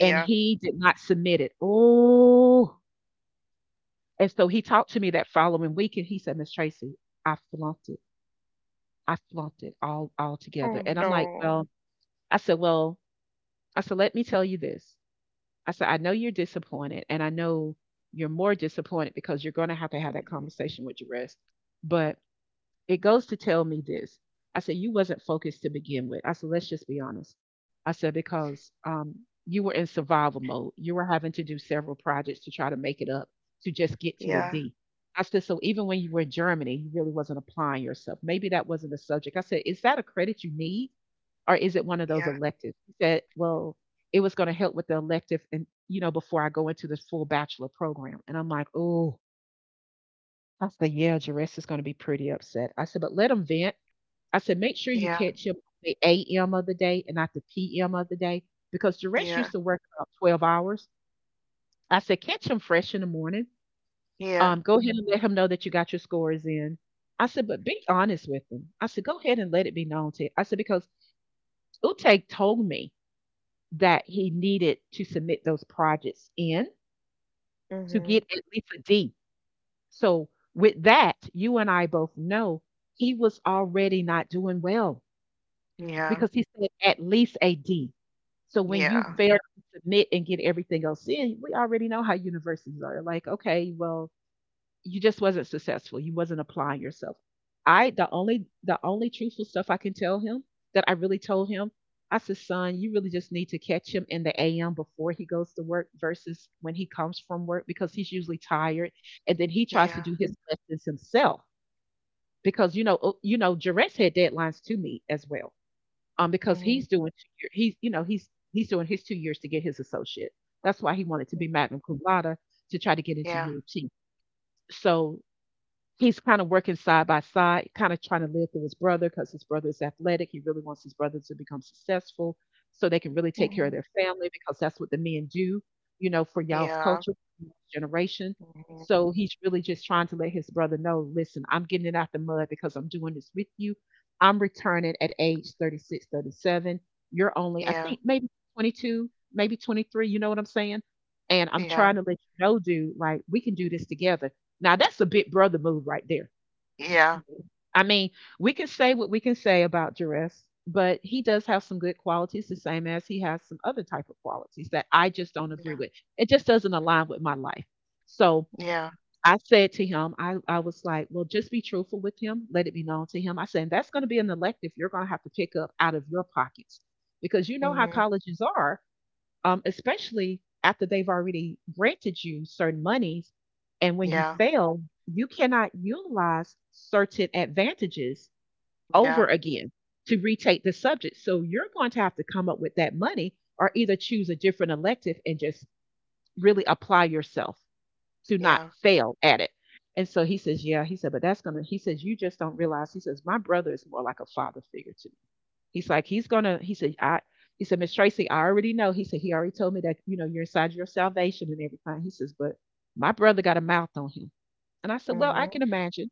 and he did not submit it. Oh, and so he talked to me that following week, and he said, "Miss Tracy, I flunked it. I flunked it all Oh together." And I'm like, no. "Well," I said, "Let me tell you this." I said, "I know you're disappointed, and I know you're more disappointed because you're going to have that conversation with your rest, but." It goes to tell me this. I said, "You wasn't focused to begin with." I said, "Let's just be honest." I said, "Because you were in survival mode. You were having to do several projects to try to make it up to just get to a Yeah, D." I said, "So even when you were in Germany, you really wasn't applying yourself. Maybe that wasn't the subject." I said, "Is that a credit you need? Or is it one of those yeah, electives?" He said, "Well, it was going to help with the elective, and you know before I go into this full bachelor program." And I'm like, "Oh," I said, "Yeah, Jerris is going to be pretty upset." I said, "But let him vent." I said, "Make sure you yeah, catch him on the AM of the day and not the PM of the day because Duress used yeah, to work about 12 hours." I said, "Catch him fresh in the morning. yeah. Go ahead and let him know that you got your scores in." I said, "But be honest with him." I said, "Go ahead and let it be known to" I said, "Because Uteg told me that he needed to submit those projects in to Hmm. get at least a D. So with that, you and I both know he was already not doing well, Yeah, because he said at least a D. So when you yeah, fail to submit and get everything else in, we already know how universities are. Like, okay, well, you just wasn't successful. You wasn't applying yourself." I the only truthful stuff I can tell him that I really told him, I said, "Son, you really just need to catch him in the AM before he goes to work versus when he comes from work because he's usually tired, and then he tries to yeah, do his lessons himself because you know Jarrett's had deadlines to meet as well because hmm, he's doing 2 year, he's you know he's doing his 2 years to get his associate. That's why he wanted to be magna cum laude to try to get into yeah, U of T. So he's kind of working side by side, kind of trying to live through his brother because his brother is athletic. He really wants his brother to become successful so they can really take care of hmm, their family because that's what the men do, you know, for y'all's yeah, culture, generation. hmm, So he's really just trying to let his brother know, listen, I'm getting it out the mud because I'm doing this with you. I'm returning at age 36, 37. You're only, I yeah, think, maybe 22, maybe 23. You know what I'm saying? And I'm yeah, trying to let you know, dude, like, we can do this together." Now that's a big brother move right there. yeah, I mean, we can say what we can say about Jerez, but he does have some good qualities, the same as he has some other type of qualities that I just don't agree with. It just doesn't align with my life. So yeah, I said to him, I was like, "Well, just be truthful with him. Let it be known to him." I said, "That's going to be an elective you're going to have to pick up out of your pockets because you know how Mm-hmm, colleges are especially after they've already granted you certain monies. And when you yeah, fail, you cannot utilize certain advantages yeah, over again to retake the subject. So you're going to have to come up with that money or either choose a different elective and just really apply yourself to not yeah, fail at it." And so he says, "Yeah," he said, "But that's going to," he says, "You just don't realize." He says, "My brother is more like a father figure to me." He's like, "He's gonna." He said, "I." He said, "Miss Tracy, I already know." He said, "He already told me that you know you're inside your salvation and everything." He says, "But my brother got a mouth on him," and I said, "Well, I hmm, can imagine."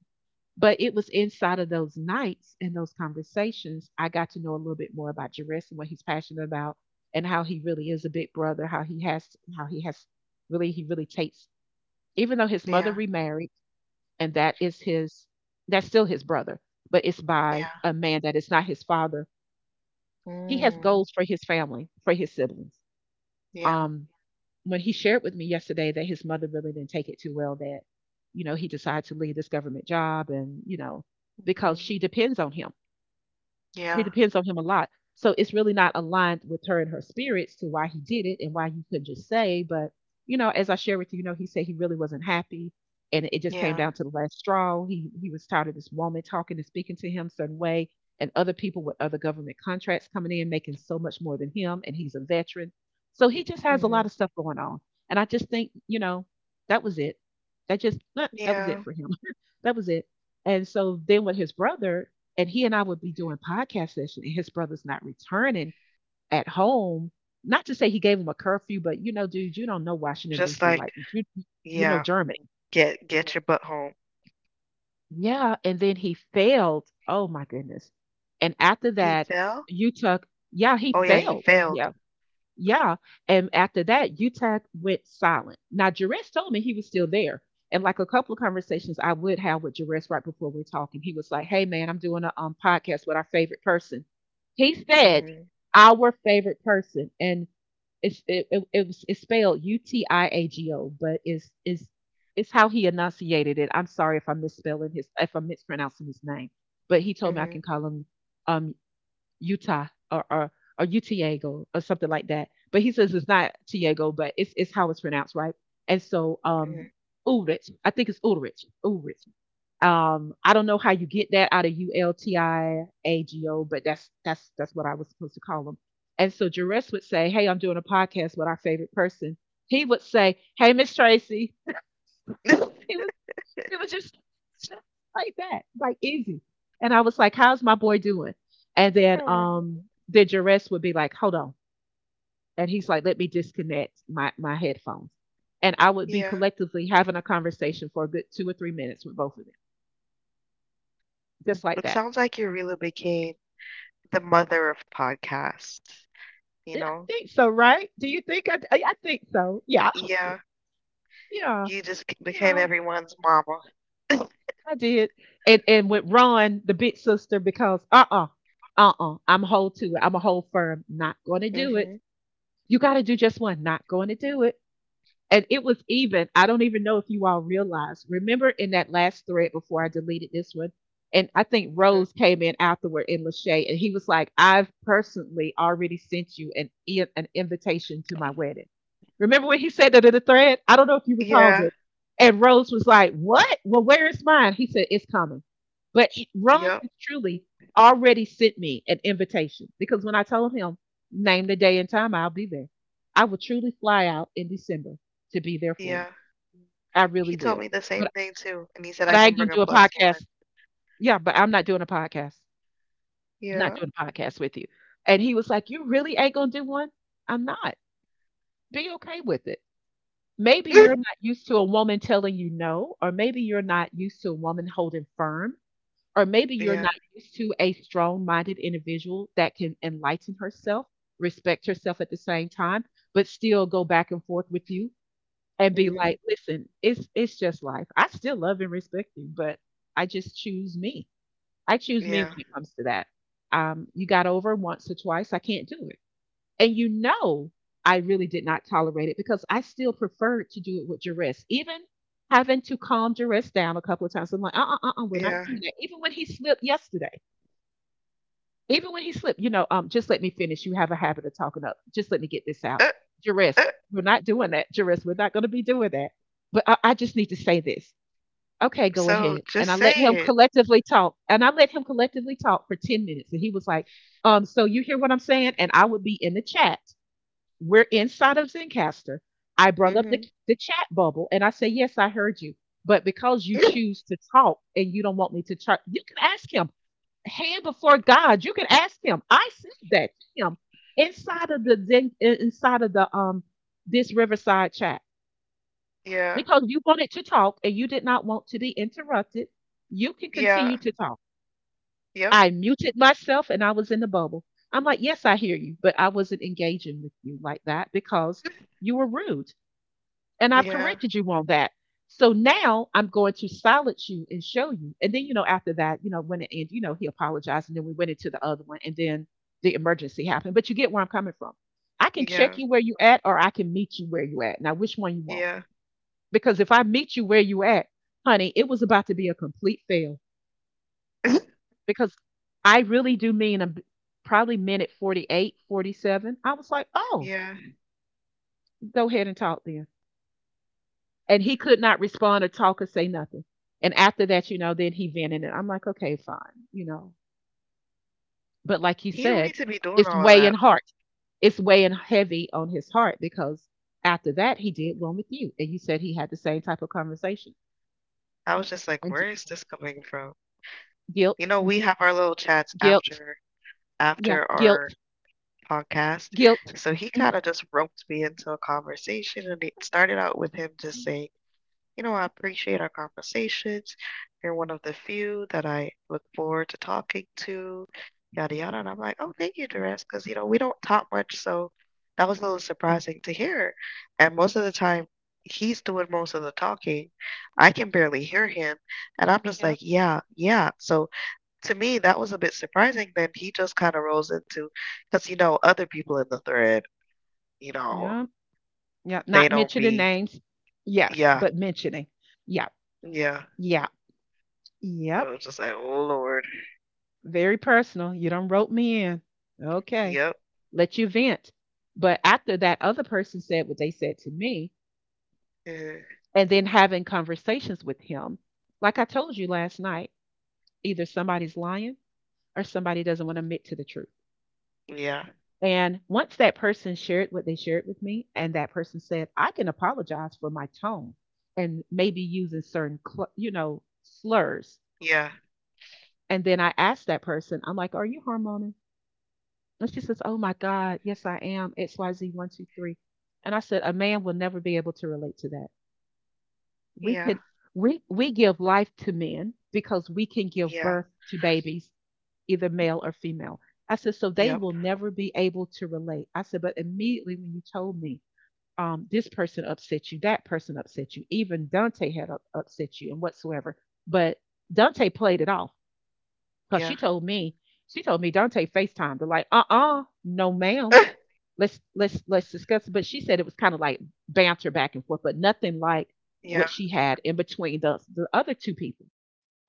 But it was inside of those nights and those conversations I got to know a little bit more about Jerris and what he's passionate about, and how he really is a big brother. How he has, really, he really takes. Even though his mother yeah, remarried, and that is his, that's still his brother, but it's by yeah, a man that is not his father, he has Mm-hmm, goals for his family, for his siblings. yeah, Um, when he shared with me yesterday that his mother really didn't take it too well, that, you know, he decided to leave this government job, and, you know, because hmm, she depends on him. It yeah, depends on him a lot. So it's really not aligned with her and her spirits to why he did it and why you could just say, but you know, as I shared with you, you know, he said he really wasn't happy, and it just came yeah, down to the last straw. He was tired of this woman talking and speaking to him a certain way, and other people with other government contracts coming in making so much more than him, and he's a veteran. So he just has a lot hmm, of stuff going on. And I just think, you know, that was it. That just that was it yeah. for him. (laughs) That was it. And so then with his brother, and he and I would be doing podcast session, and his brother's not returning at home. Not to say he gave him a curfew, but you know, dude, you don't know Washington Just D.C. like like this. You know yeah. Germany. Yeah. Get your butt home. Yeah, and then he failed. Oh my goodness! And after He that, fell? you took. Yeah, he Oh yeah, he failed. failed. Yeah, yeah. And after that, Utah went silent. Now, Jerez told me he was still there. And like a couple of conversations I would have with Jerez right before we're talking, he was like, "Hey, man, I'm doing a podcast with our favorite person." He said, Mhm. "Our favorite person." And it's, it was, it's spelled U T I A G O, but it's how he enunciated it. I'm sorry if I'm misspelling his, if I'm mispronouncing his name, but he told me I can Mhm. call him um, Utah, or, or Utiego or something like that. But he says it's not Tiago, but it's how it's pronounced, right? And so Mhm. Ulrich, I think it's Ulrich, Ulrich. I don't know how you get that out of U L T I A G O, but that's what I was supposed to call him. And so Jerez would say, "Hey, I'm doing a podcast with our favorite person." He would say, "Hey, Miss Tracy." He would (laughs) it was just stuff like that, like easy. And I was like, "How's my boy doing?" And then Aw, the duress would be like, "Hold on," and he's like, "Let me disconnect my headphones." And I would be yeah. collectively having a conversation for a good 2 or 3 minutes with both of them, just like It that. sounds like you really became the mother of podcasts, you Yeah, I know? think so, right? Do you think I? Think so. Yeah, Yeah. yeah, You just became no, everyone's mama. I did. And with Ron, the big sister, because I'm hold to it. I'm a hold firm. Not gonna do it. Mhm. You got to do just one, not going to do it. And it was even, I don't even know if you all realize. Remember in that last thread before I deleted this one? And I think Mhm. Rose came in afterward in Lachey, and he was like, "I've personally already sent you an, an invitation to my wedding." Remember when he said that in the thread? I don't know if you recalled Yeah. it. And Rose was like, "What? Well, where is mine?" He said, "It's coming." But Ron Yep. has truly already sent me an invitation because when I told him, "Name the day and time, I'll be there. I will truly fly out in December to be there for you. Yeah. I really He told will." me the same But thing too, and he said but I I ain't can gonna bring a do a plus one. podcast. Yeah, but I'm not doing a podcast. Not Yeah. doing a podcast with you. And he was like, "You really ain't gonna do one?" I'm not. Be okay with it. Maybe you're not (laughs) used to a woman telling you no, or maybe you're not used to a woman holding firm, or maybe you're Yeah. not used to a strong minded individual that can enlighten herself, respect herself at the same time, but still go back and forth with you and be Mhm. like, listen, it's just life. I still love and respect you, but I just choose me. I choose me Yeah. when it comes to that. You got over once or twice, I can't do it. And you know I really did not tolerate it because I still preferred to do it with duress. Even having to calm duress down a couple of times. I'm like, we're not Yeah. doing that. Even when he slipped yesterday. Even when he slipped, you know, just let me finish. You have a habit of talking up. Just let me get this out. Uh, Jerris, uh, we're not doing that. Jerris, we're not going to be doing that. But I just need to say this. Okay, go so ahead. And just I say let him it. collectively talk. And I let him collectively talk for 10 minutes. And he was like, so you hear what I'm saying? And I would be in the chat. We're inside of Zencaster. I brung up Mhm. the chat bubble and I say, yes, I heard you. But because you (laughs) choose to talk and you don't want me to talk, you can ask him, hand before God. You can ask Him. I said that to Him inside of the inside of the this Riverside chat Yeah. because you wanted to talk and you did not want to be interrupted. You can Yeah. continue to talk. Yep. I muted myself and I was in the bubble. I'm like, yes, I hear you, but I wasn't engaging with you like that because you were rude and I've Yeah. corrected you on that. So now I'm going to silence you and show you. And then, you know, after that, you know, when it ended, you know, he apologized and then we went into the other one and then the emergency happened. But you get where I'm coming from. I can check Yeah. you where you at or I can meet you where you at. Now, which one you want? Yeah. Because if I meet you where you at, honey, it was about to be a complete fail (laughs) because I really do mean a, probably minute 48, 47. I was like, oh, Yeah. go ahead and talk then. And he could not respond or talk or say nothing. And after that, you know, then he vented and I'm like, okay, fine, you know. But like he He don't said, need to be doing it's all of weighing that though. heart. It's weighing heavy on his heart because after that he did one with you. And you said he had the same type of conversation. I was just like, And where is this coming from? You guilt, know, we have our little chats guilt, after yeah, guilt, our podcast. guilt. So he kind of just roped me into a conversation and it started out with him just Mhm. saying, you know, I appreciate our conversations. You're one of the few that I look forward to talking to, yada yada. And I'm like, oh, thank you, Jerez, because you know we don't talk much, so that was a little Oh, surprising to hear. And most of the time, he's doing most of the talking. I can barely hear him, and I'm just yeah, like, yeah, yeah. So to me, that was a bit surprising. Then he just kind of rolls into, because you know, other people in the thread, you yeah, know, yeah. they Not don't mentioning be, names. Yes, yeah, but mentioning. Yeah, yeah. yeah, I yep. was just like, oh Lord. Very personal. You done rope me in. Okay. Yep. Let you vent. But after that other person said what they said to me, Mhm. and then having conversations with him, like I told you last night, either somebody's lying or somebody doesn't want to admit to the truth. Yeah. And once that person shared what they shared with me, and that person said, "I can apologize for my tone and maybe using certain, you know, slurs." Yeah. And then I asked that person, I'm like, "Are you hormonal?" And she says, "Oh my God, yes, I am. XYZ123." And I said, "A man will never be able to relate to that. We Yeah. can we give life to men because we can give Yeah. birth to babies, either male or female." I said, "So they Yep. will never be able to relate." I said, "But immediately when you told me this person upset you, that person upset you, even Dante had upset you and whatsoever." But Dante played it off because Yeah. She told me Dante FaceTimed her like, "Uh-uh, no ma'am, (laughs) let's discuss it." But she said it was kind of like banter back and forth, but nothing like Yeah. what she had in between the other two people.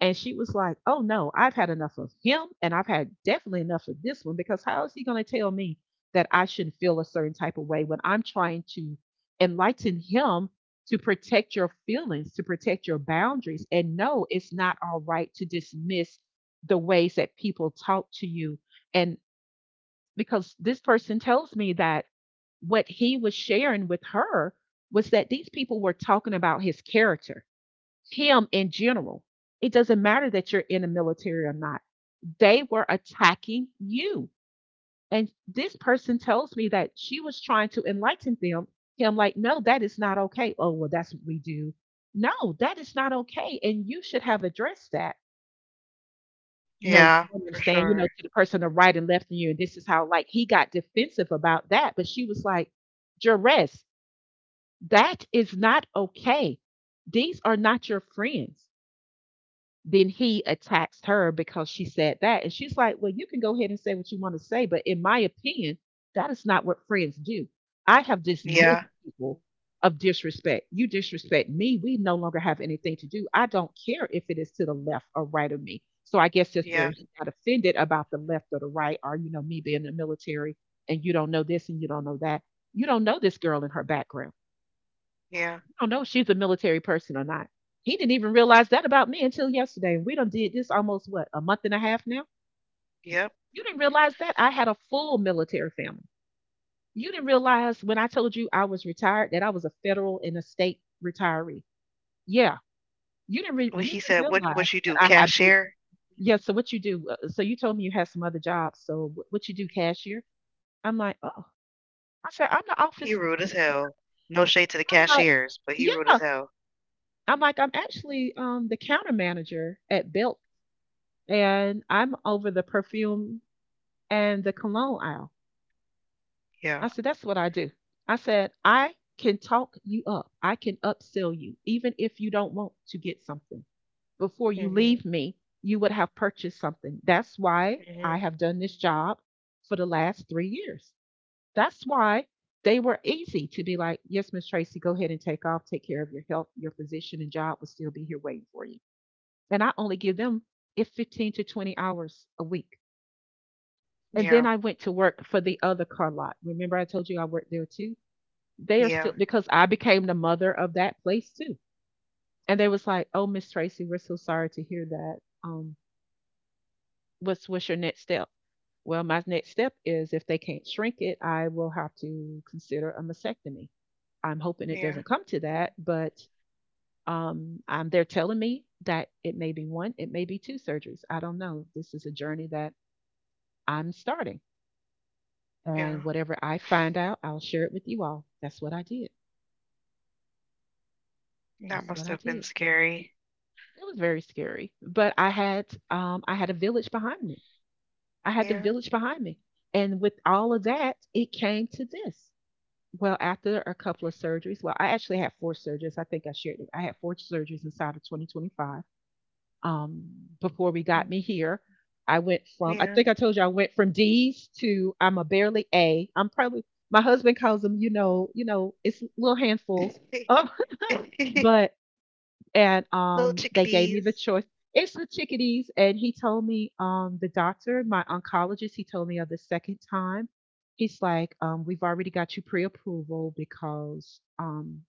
And she was like, "Oh no, I've had enough of him, and I've had definitely enough of this one because how is he going to tell me that I shouldn't feel a certain type of way when I'm trying to enlighten him to protect your feelings, to protect your boundaries, and no, it's not all right to dismiss the ways that people talk to you and because this person tells me that what he was sharing with her was that these people were talking about his character, him in general. It doesn't matter that you're in the military or not. They were attacking you." And this person tells me that she was trying to enlighten them. Him, like, "No, that is not okay." "Oh, well, that's what we do." "No, that is not okay. And you should have addressed that, no, you Yeah. don't For understand, you know, sure. to the person to right and left of you," and this is how like he got defensive about that, but she was like, "Jerez, that is not okay. These are not your friends." Then he attacks her because she said that. And she's like, "Well, you can go ahead and say what you want to say, but in my opinion, that is not what friends do. I have dismissed Yeah. people of disrespect. You disrespect me. We no longer have anything to do. I don't care if it is to the left or right of me." So I guess that's where Yeah. he got offended about the left or the right, or, you know, me being in the military and you don't know this and you don't know that. You don't know this girl and her background. Yeah. I don't know if she's a military person or not. He didn't even realize that about me until yesterday. We done did this almost what a month and a half now. Yep. You didn't realize that I had a full military family. You didn't realize when I told you I was retired that I was a federal and a state retiree. Yeah, When you he didn't said, "What? realize What you that do? I have. Cashier?" Yeah, so what you do? So you told me you had some other jobs. So what you do, cashier? I'm like, oh, I said I'm the He office. rude as hell. No shade to the I'm like, cashiers, but he rude as yeah. hell. I'm like, I'm actually the counter manager at Belt and I'm over the perfume and the cologne aisle. Yeah. I said, that's what I do. I said, I can talk you up. I can upsell you, even if you don't want to get something. Before you Mhm. leave me, you would have purchased something. That's why I Mhm. have done this job for the last 3 years. That's why they were easy to be like, yes, Miss Tracy, go ahead and take off, take care of your health. Your physician and job will still be here waiting for you. And I only give them if 15 to 20 hours a week. And then Yeah. I went to work for the other car lot. Remember, I told you I worked there too? They are Yeah. still, because I became the mother of that place too. And they was like, oh, Miss Tracy, we're so sorry to hear that. Um, what's your next step? Well, my next step is if they can't shrink it, I will have to consider a mastectomy. I'm hoping it Yeah. doesn't come to that, but they're telling me that it may be one, it may be two surgeries. I don't know. This is a journey that I'm starting. And Yeah. whatever I find out, I'll share it with you all. That's what I did. That That's what must I have been did. scary. It was very scary, but I had a village behind me. I had the Yeah. village behind me. And with all of that, it came to this. Well, after a couple of surgeries, well, I actually had four surgeries. I think I shared it. I had four surgeries inside of 2025. um, Before we got Mhm. me here. I went from, I Yeah. think I told you I went from D's to I'm a barely A. I'm probably, my husband calls them, it's little handfuls. Um, (laughs) (laughs) but, and Little they gave me the chickadees. choice. It's the chickadees. And he told me, the doctor, my oncologist, he told me of the second time. He's like, we've already got you pre approval because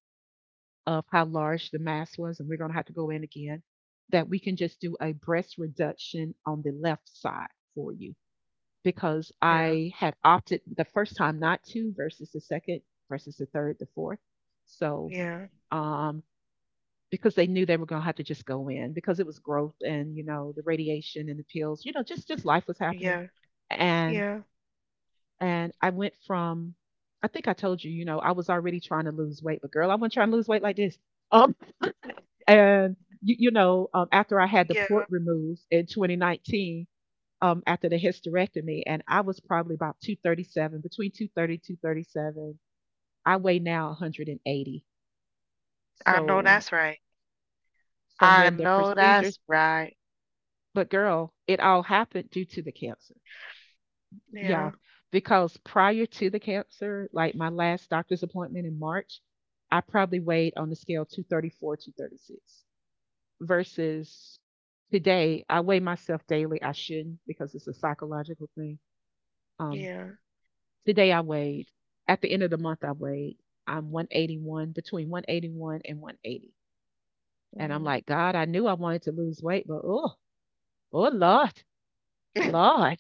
of how large the mass was, and we're going to have to go in again, that we can just do a breast reduction on the left side for you because Yeah. I had opted the first time not to versus the second versus the third, the fourth. So, Yeah. um, because they knew they were going to have to just go in because it was growth and you know the radiation and the pills, you know, just life was happening. Yeah. And Yeah. I went from, I think I told you, you know, I was already trying to lose weight, but girl, I wasn't trying to lose weight like this. Um, (laughs) and you know, after I had the Yeah, port removed in 2019, after the hysterectomy, and I was probably about 237, between 230, 237. I weigh now 180. I know So that's right. from I when the know procedures, that's right. but girl, it all happened due to the cancer. Yeah, Yeah, because prior to the cancer, like my last doctor's appointment in March, I probably weighed on the scale 234, 236, versus today. I weigh myself daily. I shouldn't because it's a psychological thing. Um, yeah. today I weighed. At the end of the month, I weighed. I'm 181, between 181 and 180, and I'm Hmm. like, God, I knew I wanted to lose weight, but oh, oh Lord, (laughs) I Lord,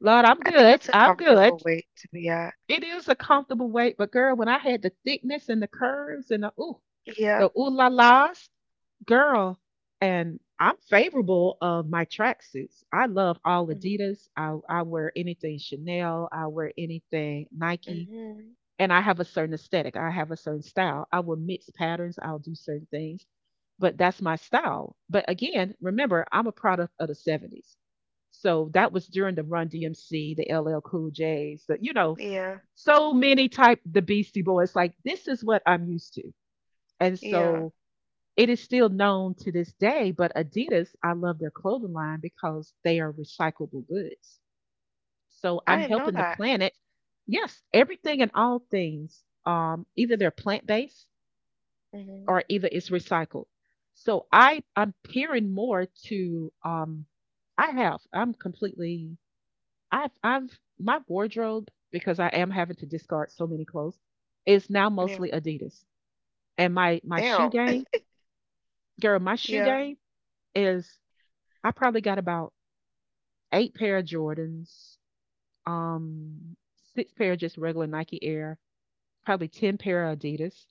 Lord, I'm think good. that's a I'm good. comfortable weight to be at. It is a comfortable weight, but girl, when I had the thickness and the curves and the Yeah. ooh la las girl, and I'm favorable of my tracksuits. I love all Adidas. I wear anything Chanel. I wear anything Nike. Mm-hmm. And I have a certain aesthetic. I have a certain style. I will mix patterns. I'll do certain things, but that's my style. But again, remember, I'm a product of the 70s. So that was during the Run DMC, the LL Cool J's, the, you know, Yeah, so many type the Beastie Boys. Like this is what I'm used to. And yeah. so it is still known to this day, but Adidas, I love their clothing line because they are recyclable goods. So I I'm didn't know helping the that. planet. Yes, everything and all things, either they're plant based Hmm. or either it's recycled. So I'm peering more to I'm completely I've my wardrobe, because I am having to discard so many clothes, is now Yeah. mostly Adidas. And my shoe Damn. game, (laughs) girl, my shoe Yeah. game is, I probably got about eight pair of Jordans, um, six pair of just regular Nike Air, probably ten pair of Adidas,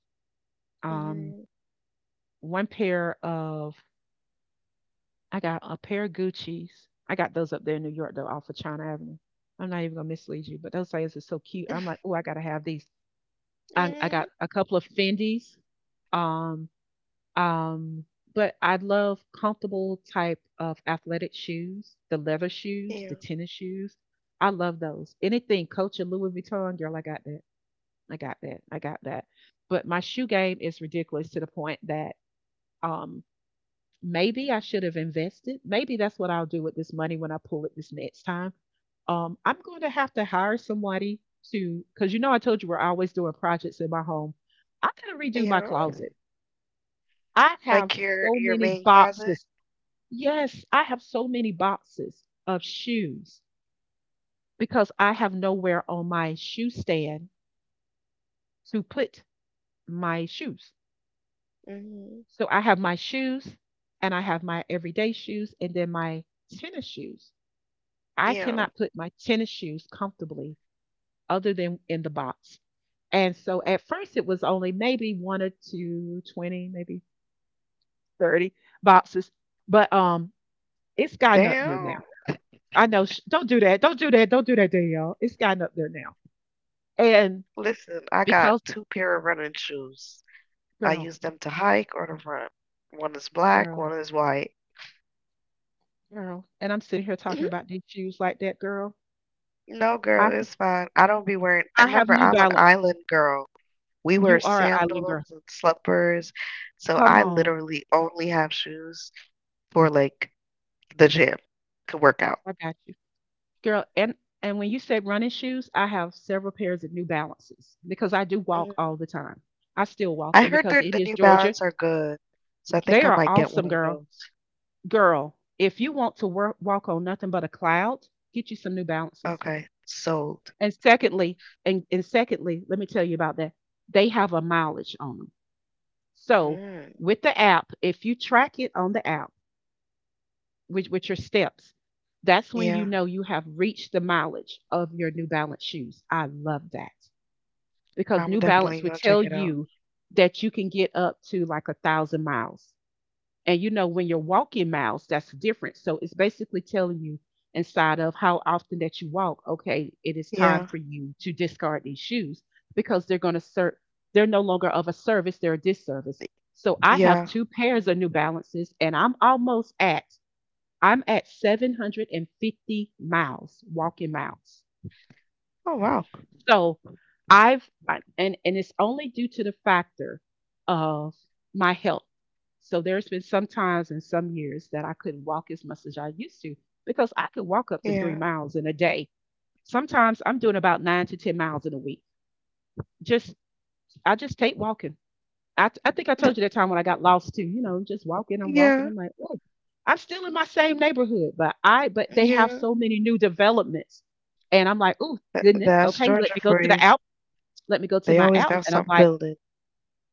um, Hmm. one pair of I got a pair of Gucci's. I got those up there in New York though, off of China Avenue. I'm not even gonna mislead you, but those things are so cute. I'm like, (laughs) oh, I gotta have these. I Mm, got a couple of Fendi's. Um, Um, but I love comfortable type of athletic shoes, the leather shoes, yeah, the tennis shoes. I love those. Anything Coach and Louis Vuitton, girl, I got that. I got that. I got that. But my shoe game is ridiculous to the point that um maybe I should have invested. Maybe that's what I'll do with this money when I pull it this next time. I'm going to have to hire somebody to, because you know I told you we're always doing projects in my home. I gotta redo my yeah. closet. I have Like your so your many main closet. boxes. Yes, I have so many boxes of shoes because I have nowhere on my shoe stand to put my shoes. Hmm. So I have my shoes and I have my everyday shoes and then my tennis shoes. I Yeah. cannot put my tennis shoes comfortably other than in the box. And so at first it was only maybe one or two, 20, maybe 30 boxes, but it's gotten up there Damn. now. I know, don't do that. Don't do that. Don't do that, Danielle. It's gotten up there now. And Listen, I because got two pair of running shoes. I girl, use them to hike or to run. One is black, girl, one is white. girl, and I'm sitting here talking Mhm. about these shoes like that, girl. No, I girl, it's fine. I don't be wearing. I I have remember New I'm an Balance. island girl. We wear You are an island girl. sandals and slippers, so Come I on, literally only have shoes for like the gym to work out. I got you, girl. And when you said running shoes, I have several pairs of New Balances because I do Mhm. walk all the time. I still walk, I and heard because that it the is New Georgia, Balance are good, so I think they I are might get one awesome, of girl. those. Girl, if you want to walk on nothing but a cloud, get you some New Balances. Okay, sold. And secondly, and secondly, let me tell you about that. They have a mileage on them. So Mm, with the app, if you track it on the app with, your steps, that's when you yeah, know you have reached the mileage of your New Balance shoes. I love that because I'm New definitely Balance would gonna check tell it out. you that you can get up to like 1,000 miles. And you know, when you're walking miles, that's different. So it's basically telling you inside of how often that you walk, okay, it is time Yeah, for you to discard these shoes because they're going to serve, they're no longer of a service, they're a disservice. So I have yeah. two pairs of New Balances and I'm almost at, I'm at 750 miles, walking miles. Oh wow. So, I've I and it's only due to the factor of my health. So there's been some times in some years that I couldn't walk as much as I used to because I could walk up to three Yeah, miles in a day. Sometimes I'm doing about 9 to 10 miles in a week. Just I just take walking. I think I told you that (laughs) time when I got lost too. You know, just walking. I'm walking. yeah. I'm like, oh, I'm still in my same neighborhood, but they have Yeah, so many new developments, and I'm like, oh that, goodness, that's okay, Georgia for you. Let me go to They my always app. got And I'm something like, building.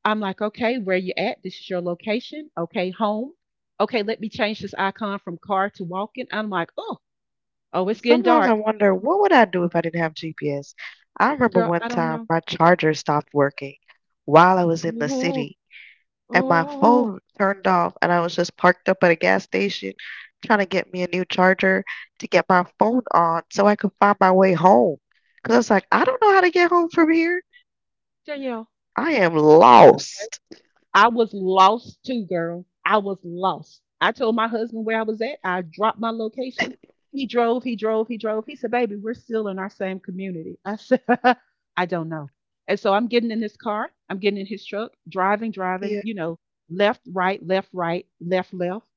okay, where you at? This is your location. Okay, home. Okay, let me change this icon from car to walking. I'm like, oh, oh, it's getting Sometimes I dark. wonder what would I do if I didn't have GPS. I remember Girl, one I don't time know. my charger stopped working while I was in the Oh, city, and my oh, phone turned off, and I was just parked up at a gas station trying to get me a new charger to get my phone on so I could find my way home. Because I was like, I don't know how to get home from here. Danielle. I am It's lost. I was lost too, girl. I was lost. I told my husband where I was at. I dropped my location. (laughs) He drove. He said, baby, we're still in our same community. I said, (laughs) I don't know. And so I'm getting in this car, I'm getting in his truck, driving, Yeah, you know, left, right, left, right, left, left.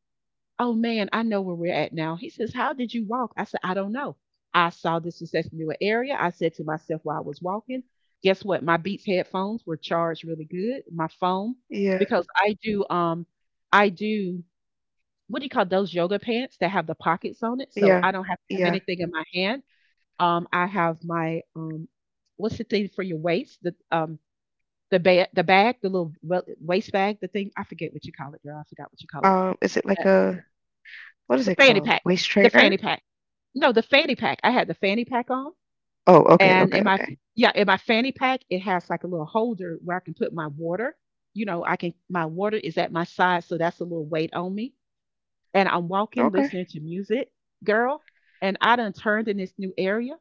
Oh man, I know where we're at now. He says, how did you walk? I said, I don't know. I saw this new area. I said to myself while I was walking, guess what? My Beats headphones were charged really good. My phone, yeah, because I do I do, what do you call those yoga pants that have the pockets on it? So yeah, I don't have to have yeah. anything in my hand. I have my what's the thing for your waist? The bag the bag, the little waist bag, the thing I forget what you call it, girl. I forgot what you call it. Is it like But a what it's is the it fanny called? pack. Waist The fanny trainer? pack. No, the fanny pack. I had the fanny pack on, Oh, okay, and okay, in my, okay. yeah, in my fanny pack, it has like a little holder where I can put my water. You know, I can, my water is at my side, so that's a little weight on me. And I'm walking, Okay. listening to music, girl. And I done turned in this new area.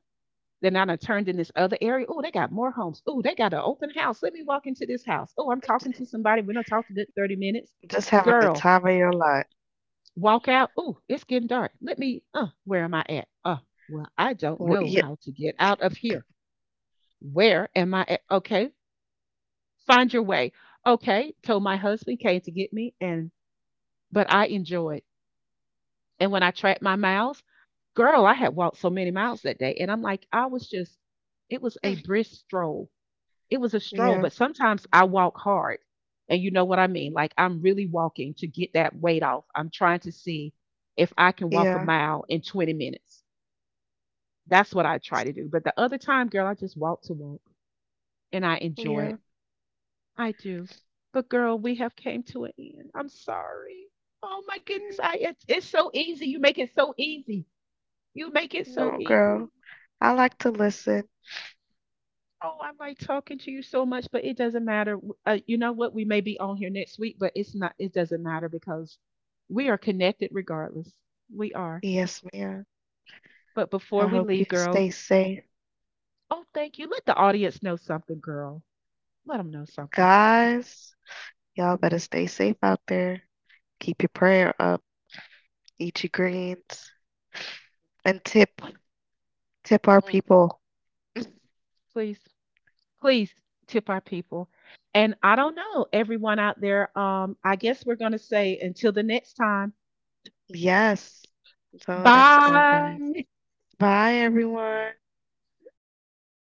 Then I done turned in this other area. Oh, they got more homes. Oh, they got an open house. Let me walk into this house. Oh, I'm talking to somebody. We're gonna talk a good 30 minutes. Just having the Girl, time of your life. walk out. Oh, it's getting dark. Let me, where am I at? Well, I don't W know Yeah. how to get out of here. Where am I at? Okay, find your way. Okay, told my husband came to get me, and but I enjoyed. And when I tracked my miles, girl, I had walked so many miles that day, and I'm like, it was a Mm, brisk stroll. It was a stroll, yeah. but sometimes I walk hard. And you know what I mean? Like I'm really walking to get that weight off. I'm trying to see if I can walk a Yeah. mile in 20 minutes. That's what I try to do. But the other time, girl, I just walk to walk and I enjoy Yeah. it. I do. But girl, we have came to an end. I'm sorry. Oh my goodness. Mm, I it's so easy. You make it so easy. You make it so no, easy. girl. I like to listen. Oh, I like talking to you so much, but it doesn't matter. You know what? We may be on here next week, but it doesn't matter because we are connected regardless. We are. Yes, ma'am. But before I we hope leave, you girl, stay safe. oh, thank you. Let the audience know something, girl. Let them know something. Guys, y'all better stay safe out there. Keep your prayer up. Eat your greens. And tip our Mm. people. Please, please tip our people. And I don't know, everyone out there, I guess we're going to say until the next time, Yes. Until the next time, guys. bye. Bye, everyone.